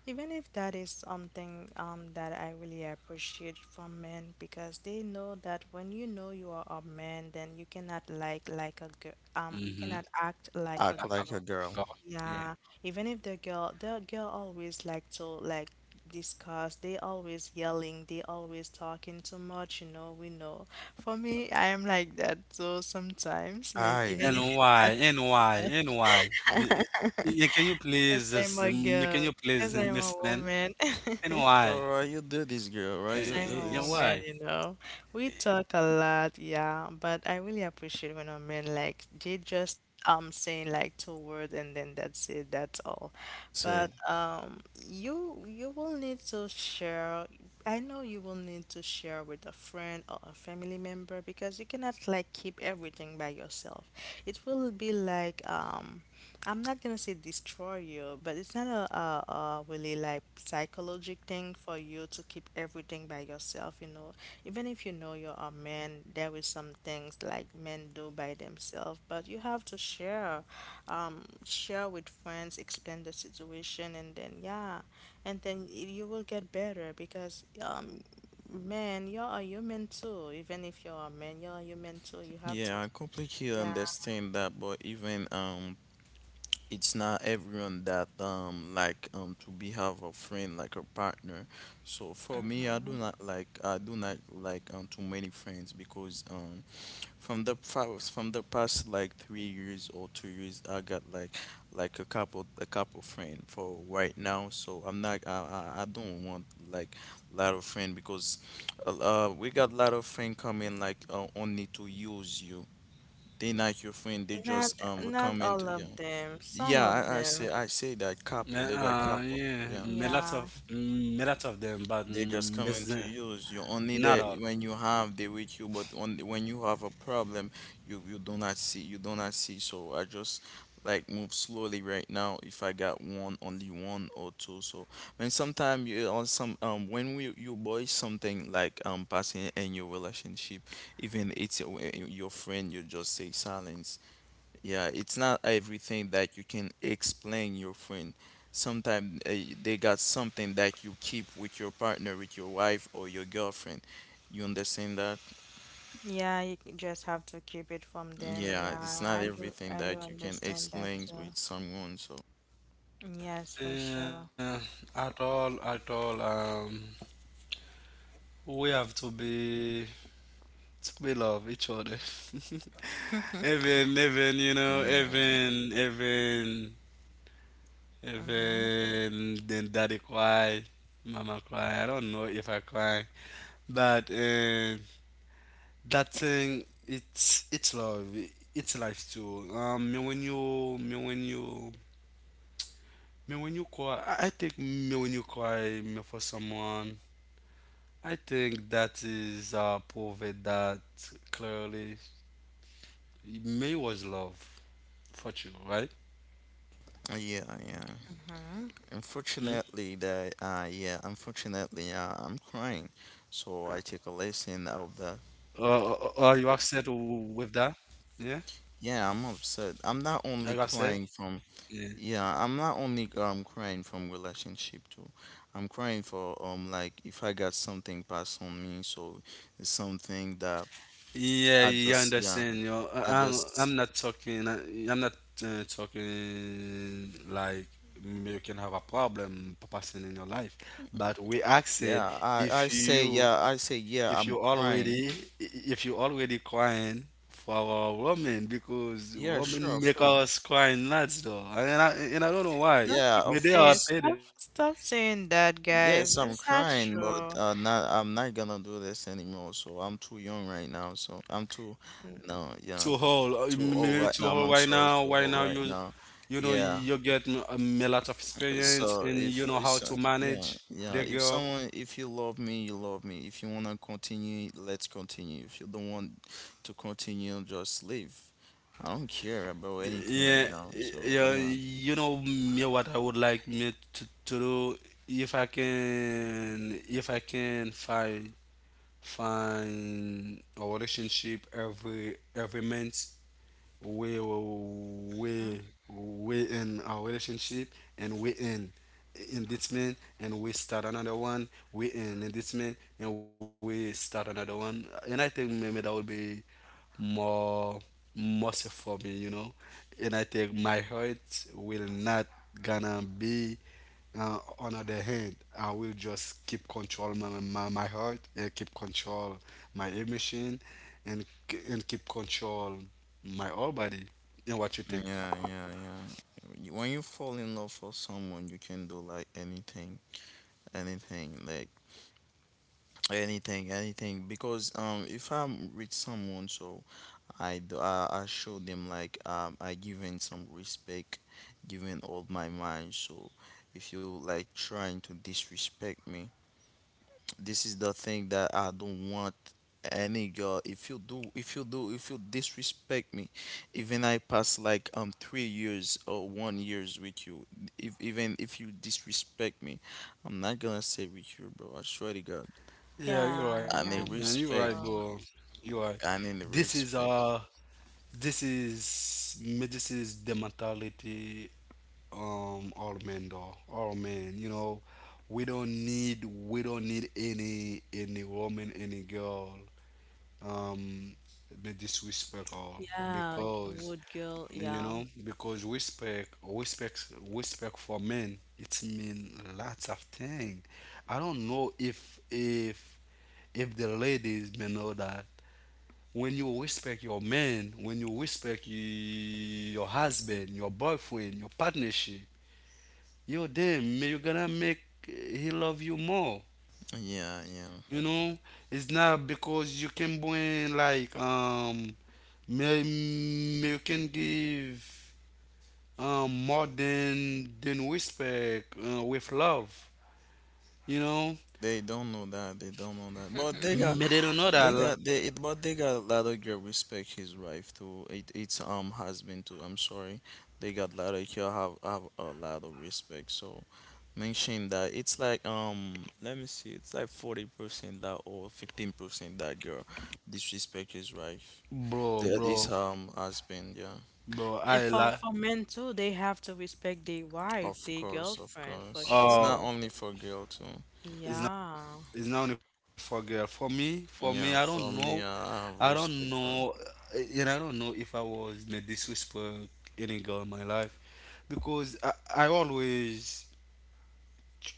S3: even if that is something that I really appreciate from men because they know that when you know you are a man then you cannot like like a girl you
S2: Mm-hmm.
S3: cannot act like a
S1: act
S2: Like I
S1: like a
S3: girl
S2: got.
S1: girl.
S2: Yeah.
S3: yeah, even if the girl always like to like discuss, they always yelling, they always talking too much, you know, we know. For me, I am like that so sometimes, even if
S2: And
S1: Aye.
S3: it's
S2: why?
S3: not
S2: And why? And why? Mm,
S3: <laughs>
S2: yeah, can you
S3: because
S2: please
S3: I'm
S2: just,
S3: a
S2: can
S3: girl,
S2: you please
S3: because I'm a
S2: Miss Len?
S3: woman.
S2: And
S3: <laughs>
S2: why?
S1: Alright, you do this girl,
S2: Uh,
S1: right?
S3: Because
S1: You
S3: I'm
S1: do
S3: a
S2: yeah,
S1: this.
S3: woman,
S2: why?
S3: you know. We talk a lot, yeah, but I really appreciate when a man like they just saying like 2 words and then that's it, that's all.
S1: Said.
S3: But you you will need to share I know you will need to share with a friend or a family member because you cannot like keep everything by yourself. It will be like I'm not gonna say destroy you, but it's not a really like psychologic thing for you to keep everything by yourself, you know. Even if you know you're a man, there is some things like men do by themselves, but you have to share, share with friends, explain the situation, and then yeah, and then you will get better because man, you're a human too. Even if you're a man, you're a human too. You have to.
S1: Yeah, I completely
S3: Yeah.
S1: understand that, but even it's not everyone that like to be have a friend like a partner. So for me I do not like I do not like too many friends because from the past like 3 years or 2 years, I got like like a couple friend for right now. So I'm not I I don't want like lot of friend because we got lot of friend coming like only to use you. They not your friend. They
S3: Not
S1: just
S3: not
S1: come
S3: all
S1: into you.
S3: of them. Some
S1: Yeah,
S3: of
S1: I, I say
S3: them.
S1: I say that couple. They got
S2: Yeah,
S1: couple. Yeah.
S3: Yeah.
S2: me lots of them, but
S1: They just
S2: miss
S1: coming to use you. Only
S2: not
S1: that
S2: all.
S1: when you have they with you, but only when you have a problem, you do not see you do not see. So I just like move slowly right now. If I got one, only one or two. So when sometime you on some when we you buy something like passing in your relationship, even it's your friend, you just say silence, yeah, it's not everything that you can explain your friend. Sometimes they got something that you keep with your partner, with your wife or your girlfriend. You understand that?
S3: Yeah, just have to keep it from them.
S1: Yeah,
S3: Yeah,
S1: it's not
S3: I do
S1: everything
S3: I do
S1: that you can
S3: understand that
S1: explain
S3: too.
S1: with someone. So
S3: Yes, for
S2: Uh,
S3: sure.
S2: at all, at all. We have to be love each other. <laughs>
S1: yeah,
S2: Even, even. Then daddy cry, mama cry. I don't know if I cry, but that thing, it's love. It's life too. Me when you cry. I think me when you cry, me for someone. I think that is proved that clearly May was love for you, right?
S1: yeah, yeah.
S3: Mm-hmm.
S1: Unfortunately, that
S2: Mm?
S1: unfortunately, I'm crying. So I take a lesson out of that.
S2: Are you upset with that? Yeah?
S1: Yeah, I'm upset. I'm not only
S2: Are you
S1: crying
S2: upset?
S1: from.
S2: Yeah.
S1: Yeah, I'm not only crying from relationship too. I'm crying for like if I got something passed on me, so it's something that
S2: Yeah,
S1: I
S2: you
S1: just yeah,
S2: understand. You know,
S1: I just
S2: I'm not talking. I'm not talking like you can have a problem passing in your life, but we asked
S1: yeah,
S2: if you if
S1: I'm
S2: you
S1: crying.
S2: already if you already crying for our woman because
S1: Yeah,
S2: women
S1: sure,
S2: make
S1: sure.
S2: us crying lots though, and and I don't know why.
S3: Don't
S1: Yeah,
S3: keep
S1: of
S2: Maybe they are
S3: saying
S1: course.
S2: paid
S3: stop saying that, guys.
S1: Yes, I'm
S3: It's not
S1: crying, but
S3: true.
S1: not, I'm not gonna do this anymore. So I'm too young right now. So I'm too, no, yeah,
S2: to hold,
S1: too old
S2: maybe
S1: right
S2: to
S1: now.
S2: hold.
S1: I'm
S2: Right
S1: sorry,
S2: now,
S1: too
S2: why
S1: old
S2: now
S1: right
S2: you
S1: now.
S2: you know
S1: Yeah.
S2: you get a lot of experience
S1: So
S2: and
S1: if
S2: you know how
S1: it's
S2: to manage the
S1: if
S2: girl.
S1: someone, if you love me you love me, if you wanna continue let's continue, if you don't want to continue just leave. I don't care about anything right
S2: Yeah,
S1: now, so
S2: yeah,
S1: yeah,
S2: you know me what I would like me to do. If I can, if I can find find a relationship every month, we
S3: Mm-mm.
S2: we we in our relationship and we in this man and we start another one, we in this man and we start another one, and I think maybe that will be more mercy for me, you know. And I think my heart will not gonna be on other hand, I will just keep control my heart and keep control my emotion and and keep control my whole body. And what you think?
S1: yeah you— when you fall in love for someone you can do like anything, anything like anything, because if I'm with someone, so I show them like I giving some respect, giving all my mind. So if you like trying to disrespect me, this is the thing that I don't want any girl. If you disrespect me, even I pass like 3 years or 1 years with you. If even if you disrespect me, I'm not gonna stay with you, bro. I swear to God.
S2: Yeah, you're right,
S3: Yeah,
S1: I
S2: man.
S1: mean
S3: yeah,
S2: You're
S3: for
S2: right, bro.
S1: respect.
S3: sure.
S2: You're right.
S1: I mean
S2: This
S1: the
S2: is
S1: respect.
S2: this is the mentality all men though. All men, you know, we don't need any woman, any girl um the disrespect all,
S3: Yeah,
S2: because
S3: wood girl,
S2: you
S3: yeah.
S2: know because respect respect respect for men it mean lots of thing. I don't know if the ladies may know that when you respect your man, when you respect your husband, your boyfriend, your partnership, yo damn may you gonna make he love you more.
S1: Yeah, yeah.
S2: You know, it's not because you can bring like may, may you can give more than respect with love. You know,
S1: They don't know that. They don't know that. But they got,
S2: may they don't know that,
S1: they got, they. It, but they got a lot of girl respect his wife too. It, it's husband too. I'm sorry. They got a lot of girl have a lot of respect. So mention that it's like let me see. It's like 40% that or 15% that girl disrespect his wife.
S2: bro,
S1: That is
S2: bro,
S1: husband. Yeah.
S2: bro.
S3: And
S2: I
S3: for
S2: like
S3: men too, they have to respect their wife,
S1: Of
S3: their
S1: course. Of
S3: girlfriend, for
S1: course. It's
S2: uh,
S1: not
S3: sure.
S1: only for girl too.
S2: it's not
S3: Yeah.
S2: it's not only for girl. For me,
S1: Yeah. For me,
S2: I
S1: I have
S2: don't
S1: respect
S2: know,
S1: for.
S2: and I don't know if I was may disrespect any girl in my life, because I always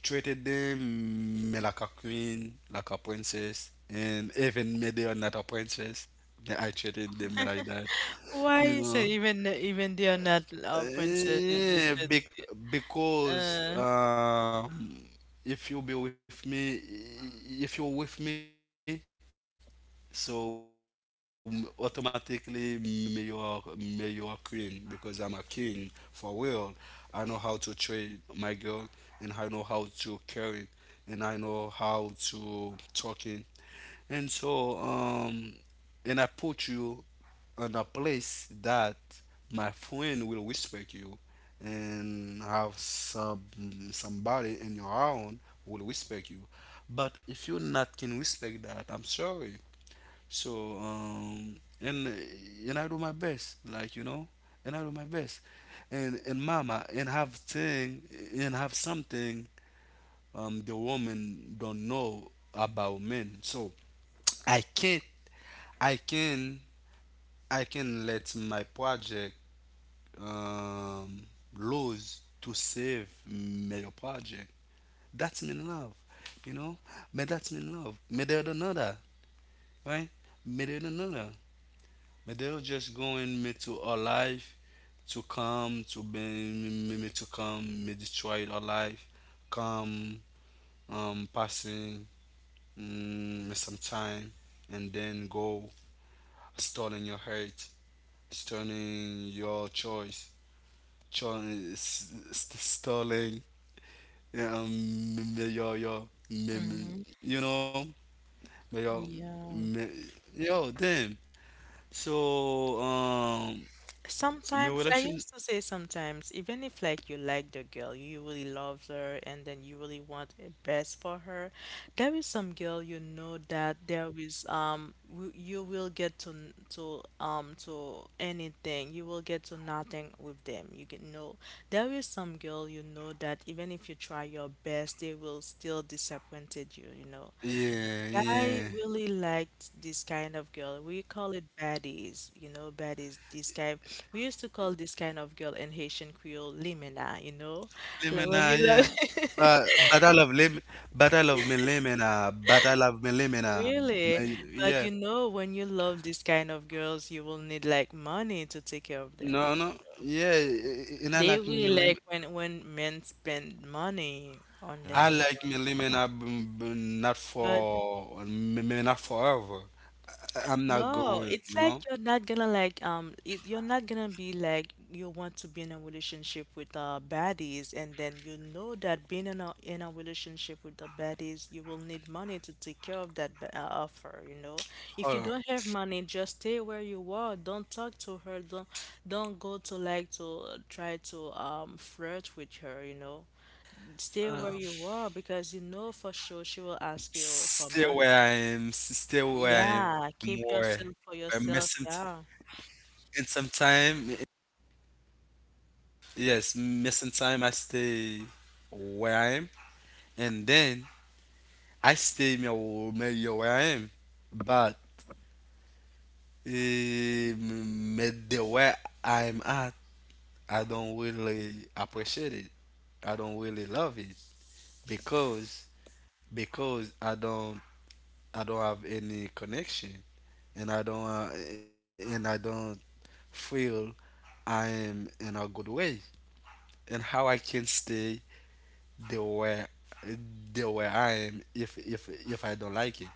S2: treated them like a queen, like a princess, and even me they are not a princess, then I treated them like that,
S3: Why
S2: you
S3: is it
S2: know.
S3: even they are not princess?
S2: Yeah, because
S3: Uh,
S2: if you be with me, if you're with me, so automatically me you are queen because I'm a king for real. I know how to treat my girl and I know how to care and I know how to talking. And so and I put you on a place that my friend will respect you and have some somebody in your own will respect you. But if you not can respect that, I'm sorry. So and and I do my best, like you know, and I do my best, and mama, and have thing and have something the women don't know about men. So I can't, I can, I can let my project um, lose to save my project. That's mean love, you know. But that's mean love. But they don't know that, right? But they don't know that. But they're just going me to our life to come to be me, me to come me destroy our life, come passing some time, and then go starting your hurt, starting your choice, cho- starting um, your your
S3: mhm.
S2: m- you know your
S3: Yeah.
S2: me- yo damn. So my
S3: Sometimes I
S2: relation,
S3: used to say sometimes, even if like you like the girl, you really love her and then you really want the best for her, there is some girl you know that there is you will get to to anything. You will get to nothing with them. You can know there is some girl you know that even if you try your best, they will still disappointed you, you know.
S2: yeah, yeah,
S3: I really liked this kind of girl. We call it baddies, you know, baddies. This kind, we used to call this kind of girl in Haitian Creole limina, you know, like
S2: Lemena,
S3: when you
S2: yeah.
S3: love,
S2: But I love lem, but I love me lemina, but I love me lemina,
S3: <laughs> really. But
S2: yeah.
S3: you know, when you love this kind of girls, you will need like money to take care of them.
S2: No, no, yeah, and I
S3: They
S2: like
S3: really
S2: me lim
S3: like when men spend money on
S2: I
S3: them, you
S2: like
S3: know.
S2: me lemon up, mm, not
S3: But
S2: for, not forever. I'm not
S3: no,
S2: going,
S3: it's
S2: you
S3: like
S2: know.
S3: you're not gonna like you're not gonna be like you want to be in a relationship with baddies and then you know that being in a relationship with the baddies you will need money to take care of that offer, you know. If
S2: Hold
S3: you
S2: on,
S3: don't have money, just stay where you are. Don't talk to her. Don't go to like to try to flirt with her, you know. Stay
S2: Uh,
S3: where you are because you know for sure she will ask you for
S2: stay
S3: money.
S2: where I am, stay where I am,
S3: Yeah,
S2: where
S3: keep yourself
S2: I'm
S3: for
S2: missing
S3: yourself. Yeah.
S2: in some time. Yes, missing time. I stay where I am, and then I stay where I am, but eh, me the where I'm at. I don't really appreciate it. I don't really love it because because I don't have any connection, and I don't feel I am in a good way. And how I can stay the way the way I am if if I don't like it.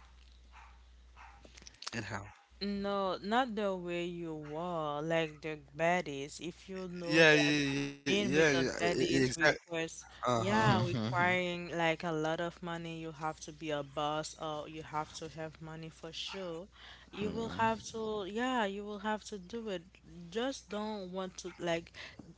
S2: And how?
S3: No, not the way you were, like the baddies. If you know
S2: Yeah,
S3: that
S2: yeah, yeah,
S3: being with the
S2: yeah, exactly.
S3: baddies requires
S2: Uh huh.
S3: yeah,
S1: Yeah. <laughs>
S3: requiring like a lot of money. You have to be a boss or you have to have money for sure. You will
S1: Mm-hmm.
S3: have to, yeah, you will have to do it. Just don't want to like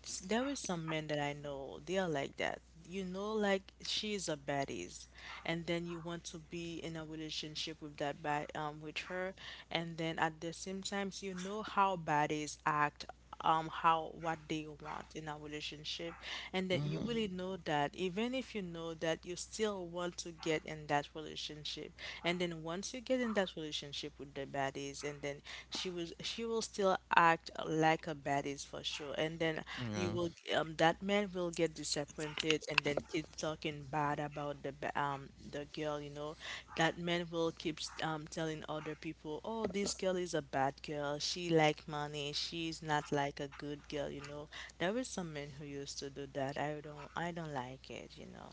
S3: there is some men that I know, they are like that. You know, like she's a baddies, and then you want to be in a relationship with that bad with her, and then at the same times you know how baddies act how what they want in a relationship and that you
S1: Mm-hmm.
S3: really know that even if you know that you still want to get in that relationship and then once you get in that relationship with the baddies and then she will still act like a baddies for sure and then you
S1: Yeah.
S3: will that man will get disappointed and then keep talking bad about the the girl, you know. That man will keep telling other people, "Oh, this girl is a bad girl. She like money. She's not like a good girl," you know. There were some men who used to do that. I don't like it, you know.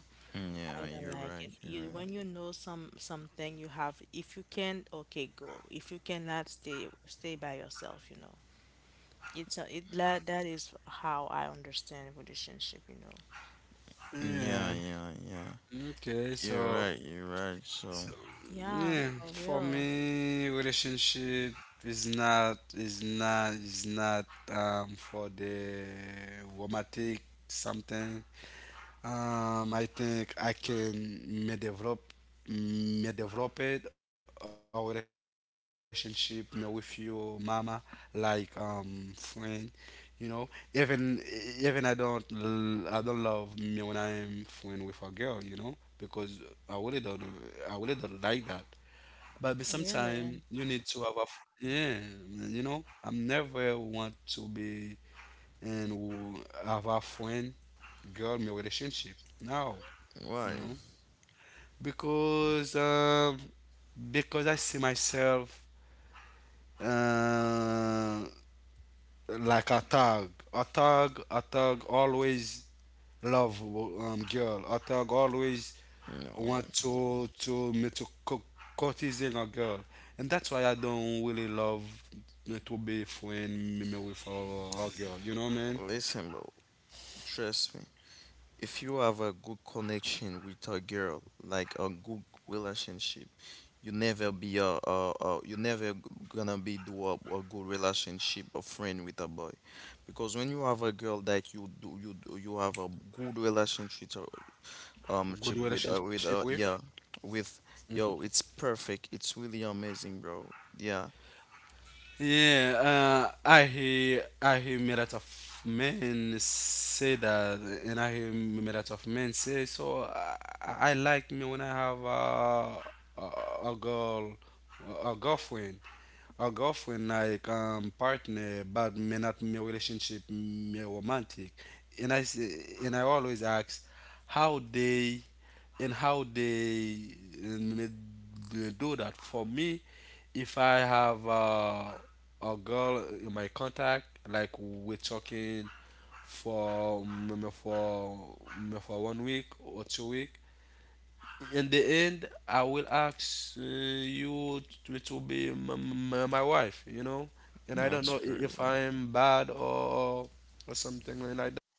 S3: I
S1: Yeah,
S3: don't
S1: you're
S3: like
S1: right,
S3: it.
S1: you're
S3: You
S1: right.
S3: when you know something you have, if you can, okay, go. If you cannot, stay by yourself, you know. It's a, it that, is how I understand relationship, you know.
S1: Yeah,
S2: Yeah.
S1: yeah, yeah.
S2: Okay.
S1: You're
S2: So
S1: right, you're right. So,
S2: so
S3: Yeah,
S2: yeah,
S3: for
S2: for
S3: real.
S2: me, relationship is not is not for the romantic something. I think I can may develop it a relationship may with your mama like friend. You know, even even I don't love me when I'm friend with a girl. You know, because I really don't I really don't like that but sometimes you
S3: Really.
S2: need to have a, yeah, you know, I'm never want to be and have a friend girl in a relationship. No, you
S1: why?
S2: know, because um, because I see myself. Uh, like a tag. A tag, a tag always love girl. A tag always
S1: No.
S2: want to courtesy a girl, and that's why I don't really love me to be friend me me with a girl. You know, man,
S1: Listen, bro, trust me. If you have a good connection with a girl, like a good relationship, you never be a you never g- gonna be do a good relationship, a friend with a boy. Because when you have a girl that you have a good relationship chip
S2: good
S1: with
S2: relationship with.
S1: yeah, with, yo, it's perfect, it's really amazing, bro, yeah.
S2: Yeah, I hear made out of men say that, and I hear made out of men say so. I like me when I have a a girl, a girlfriend, a girlfriend like partner, but me not me relationship me romantic, and I say, and I always ask how they how they uh, me- do that for me if I have a girl in my contact, like we're talking for for 1 week or 2 week. In the end, I will ask you to, my wife, you know. And I don't
S1: That's
S2: know if
S1: crazy.
S2: I'm bad or something like that.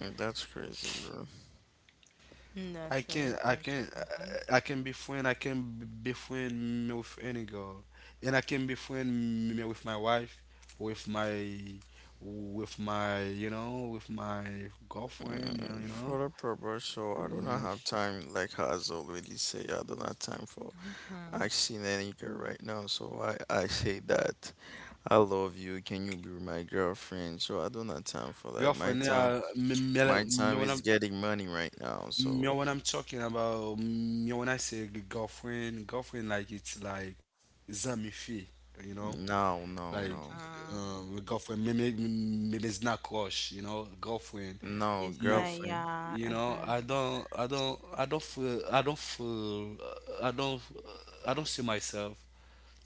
S1: That's crazy, bro.
S3: Mm,
S2: I
S3: that's
S2: can
S3: really
S2: I can
S3: fresh. Uh-huh.
S2: I can be friend be friend me with any girl and I can be friend me with my wife with my with my you know with my girlfriend you
S1: For
S2: know
S1: the purpose, so I do not
S2: yeah
S1: have time, like has already say, I don't have time for
S3: Uh-huh.
S1: asking any girl right now, so I say that, I love you, can you be my girlfriend, so I don't have time for that.
S2: girlfriend yeah me, me,
S1: My
S2: like-
S1: time is getting money right now,
S2: me
S1: so
S2: when I'm talking about me when I say girlfriend girlfriend like it's like zamifi you know.
S1: no
S2: Like
S1: no no
S3: Uh-huh.
S2: my girlfriend, maybe maybe it's not crush, you know, girlfriend.
S1: no
S3: It's
S2: My,
S3: like,
S1: girlfriend,
S3: yeah,
S2: you know,
S3: uh-huh.
S2: I don't feel, I don't, I don't see myself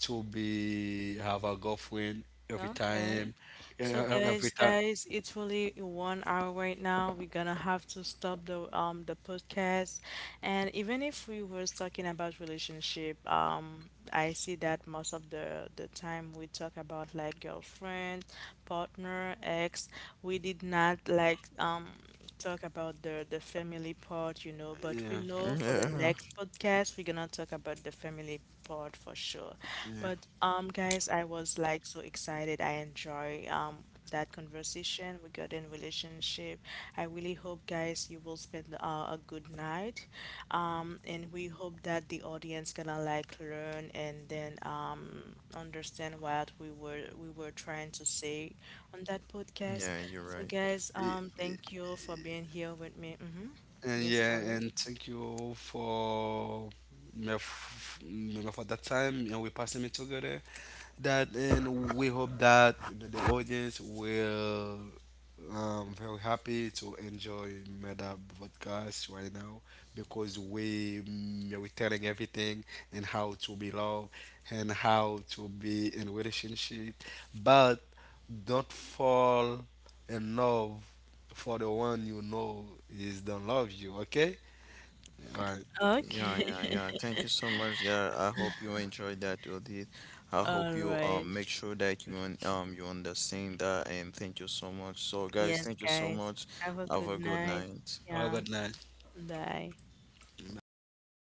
S2: to be have a girlfriend every
S3: Okay.
S2: time,
S3: So
S2: every
S3: guys,
S2: time.
S3: it's really 1 hour right now. We're gonna have to stop the podcast. And even if we was talking about relationship, I see that most of the time we talk about like girlfriend, partner, ex, we did not like talk about the family part, you know, but we
S2: Yeah,
S3: know for the
S1: yeah.
S3: next podcast we're gonna talk about the family part for sure. But guys, I was like so excited. I enjoy that conversation we got in relationship. I really hope guys you will spend a good night. And we hope that the audience gonna like learn and then understand what we were trying to say on that podcast.
S1: Yeah, you're
S3: So
S1: right.
S3: guys,
S2: yeah.
S3: thank you for being here with me. Hmm.
S2: And
S3: Yes,
S2: yeah,
S3: Paulo.
S2: and thank you for me for that time and we passing it together. That and we hope that the audience will very happy to enjoy Meta podcast right now because we telling everything and how to be loved and how to be in relationship, but don't fall in love for the one you know is don't love you. Okay. All right.
S1: Yeah,
S3: Okay.
S1: yeah, yeah. Thank you so much, guy. I hope you enjoyed that audit.
S3: <laughs>
S1: I hope
S3: All
S1: you
S3: right.
S1: make sure that you understand that, and thank you so much. So guys,
S3: Yes,
S1: thank you so
S3: guys.
S1: much.
S3: Have a
S1: Have
S3: good
S1: a good
S3: night.
S1: night.
S2: Have a
S3: Yeah.
S2: good night.
S3: Bye.
S2: Bye.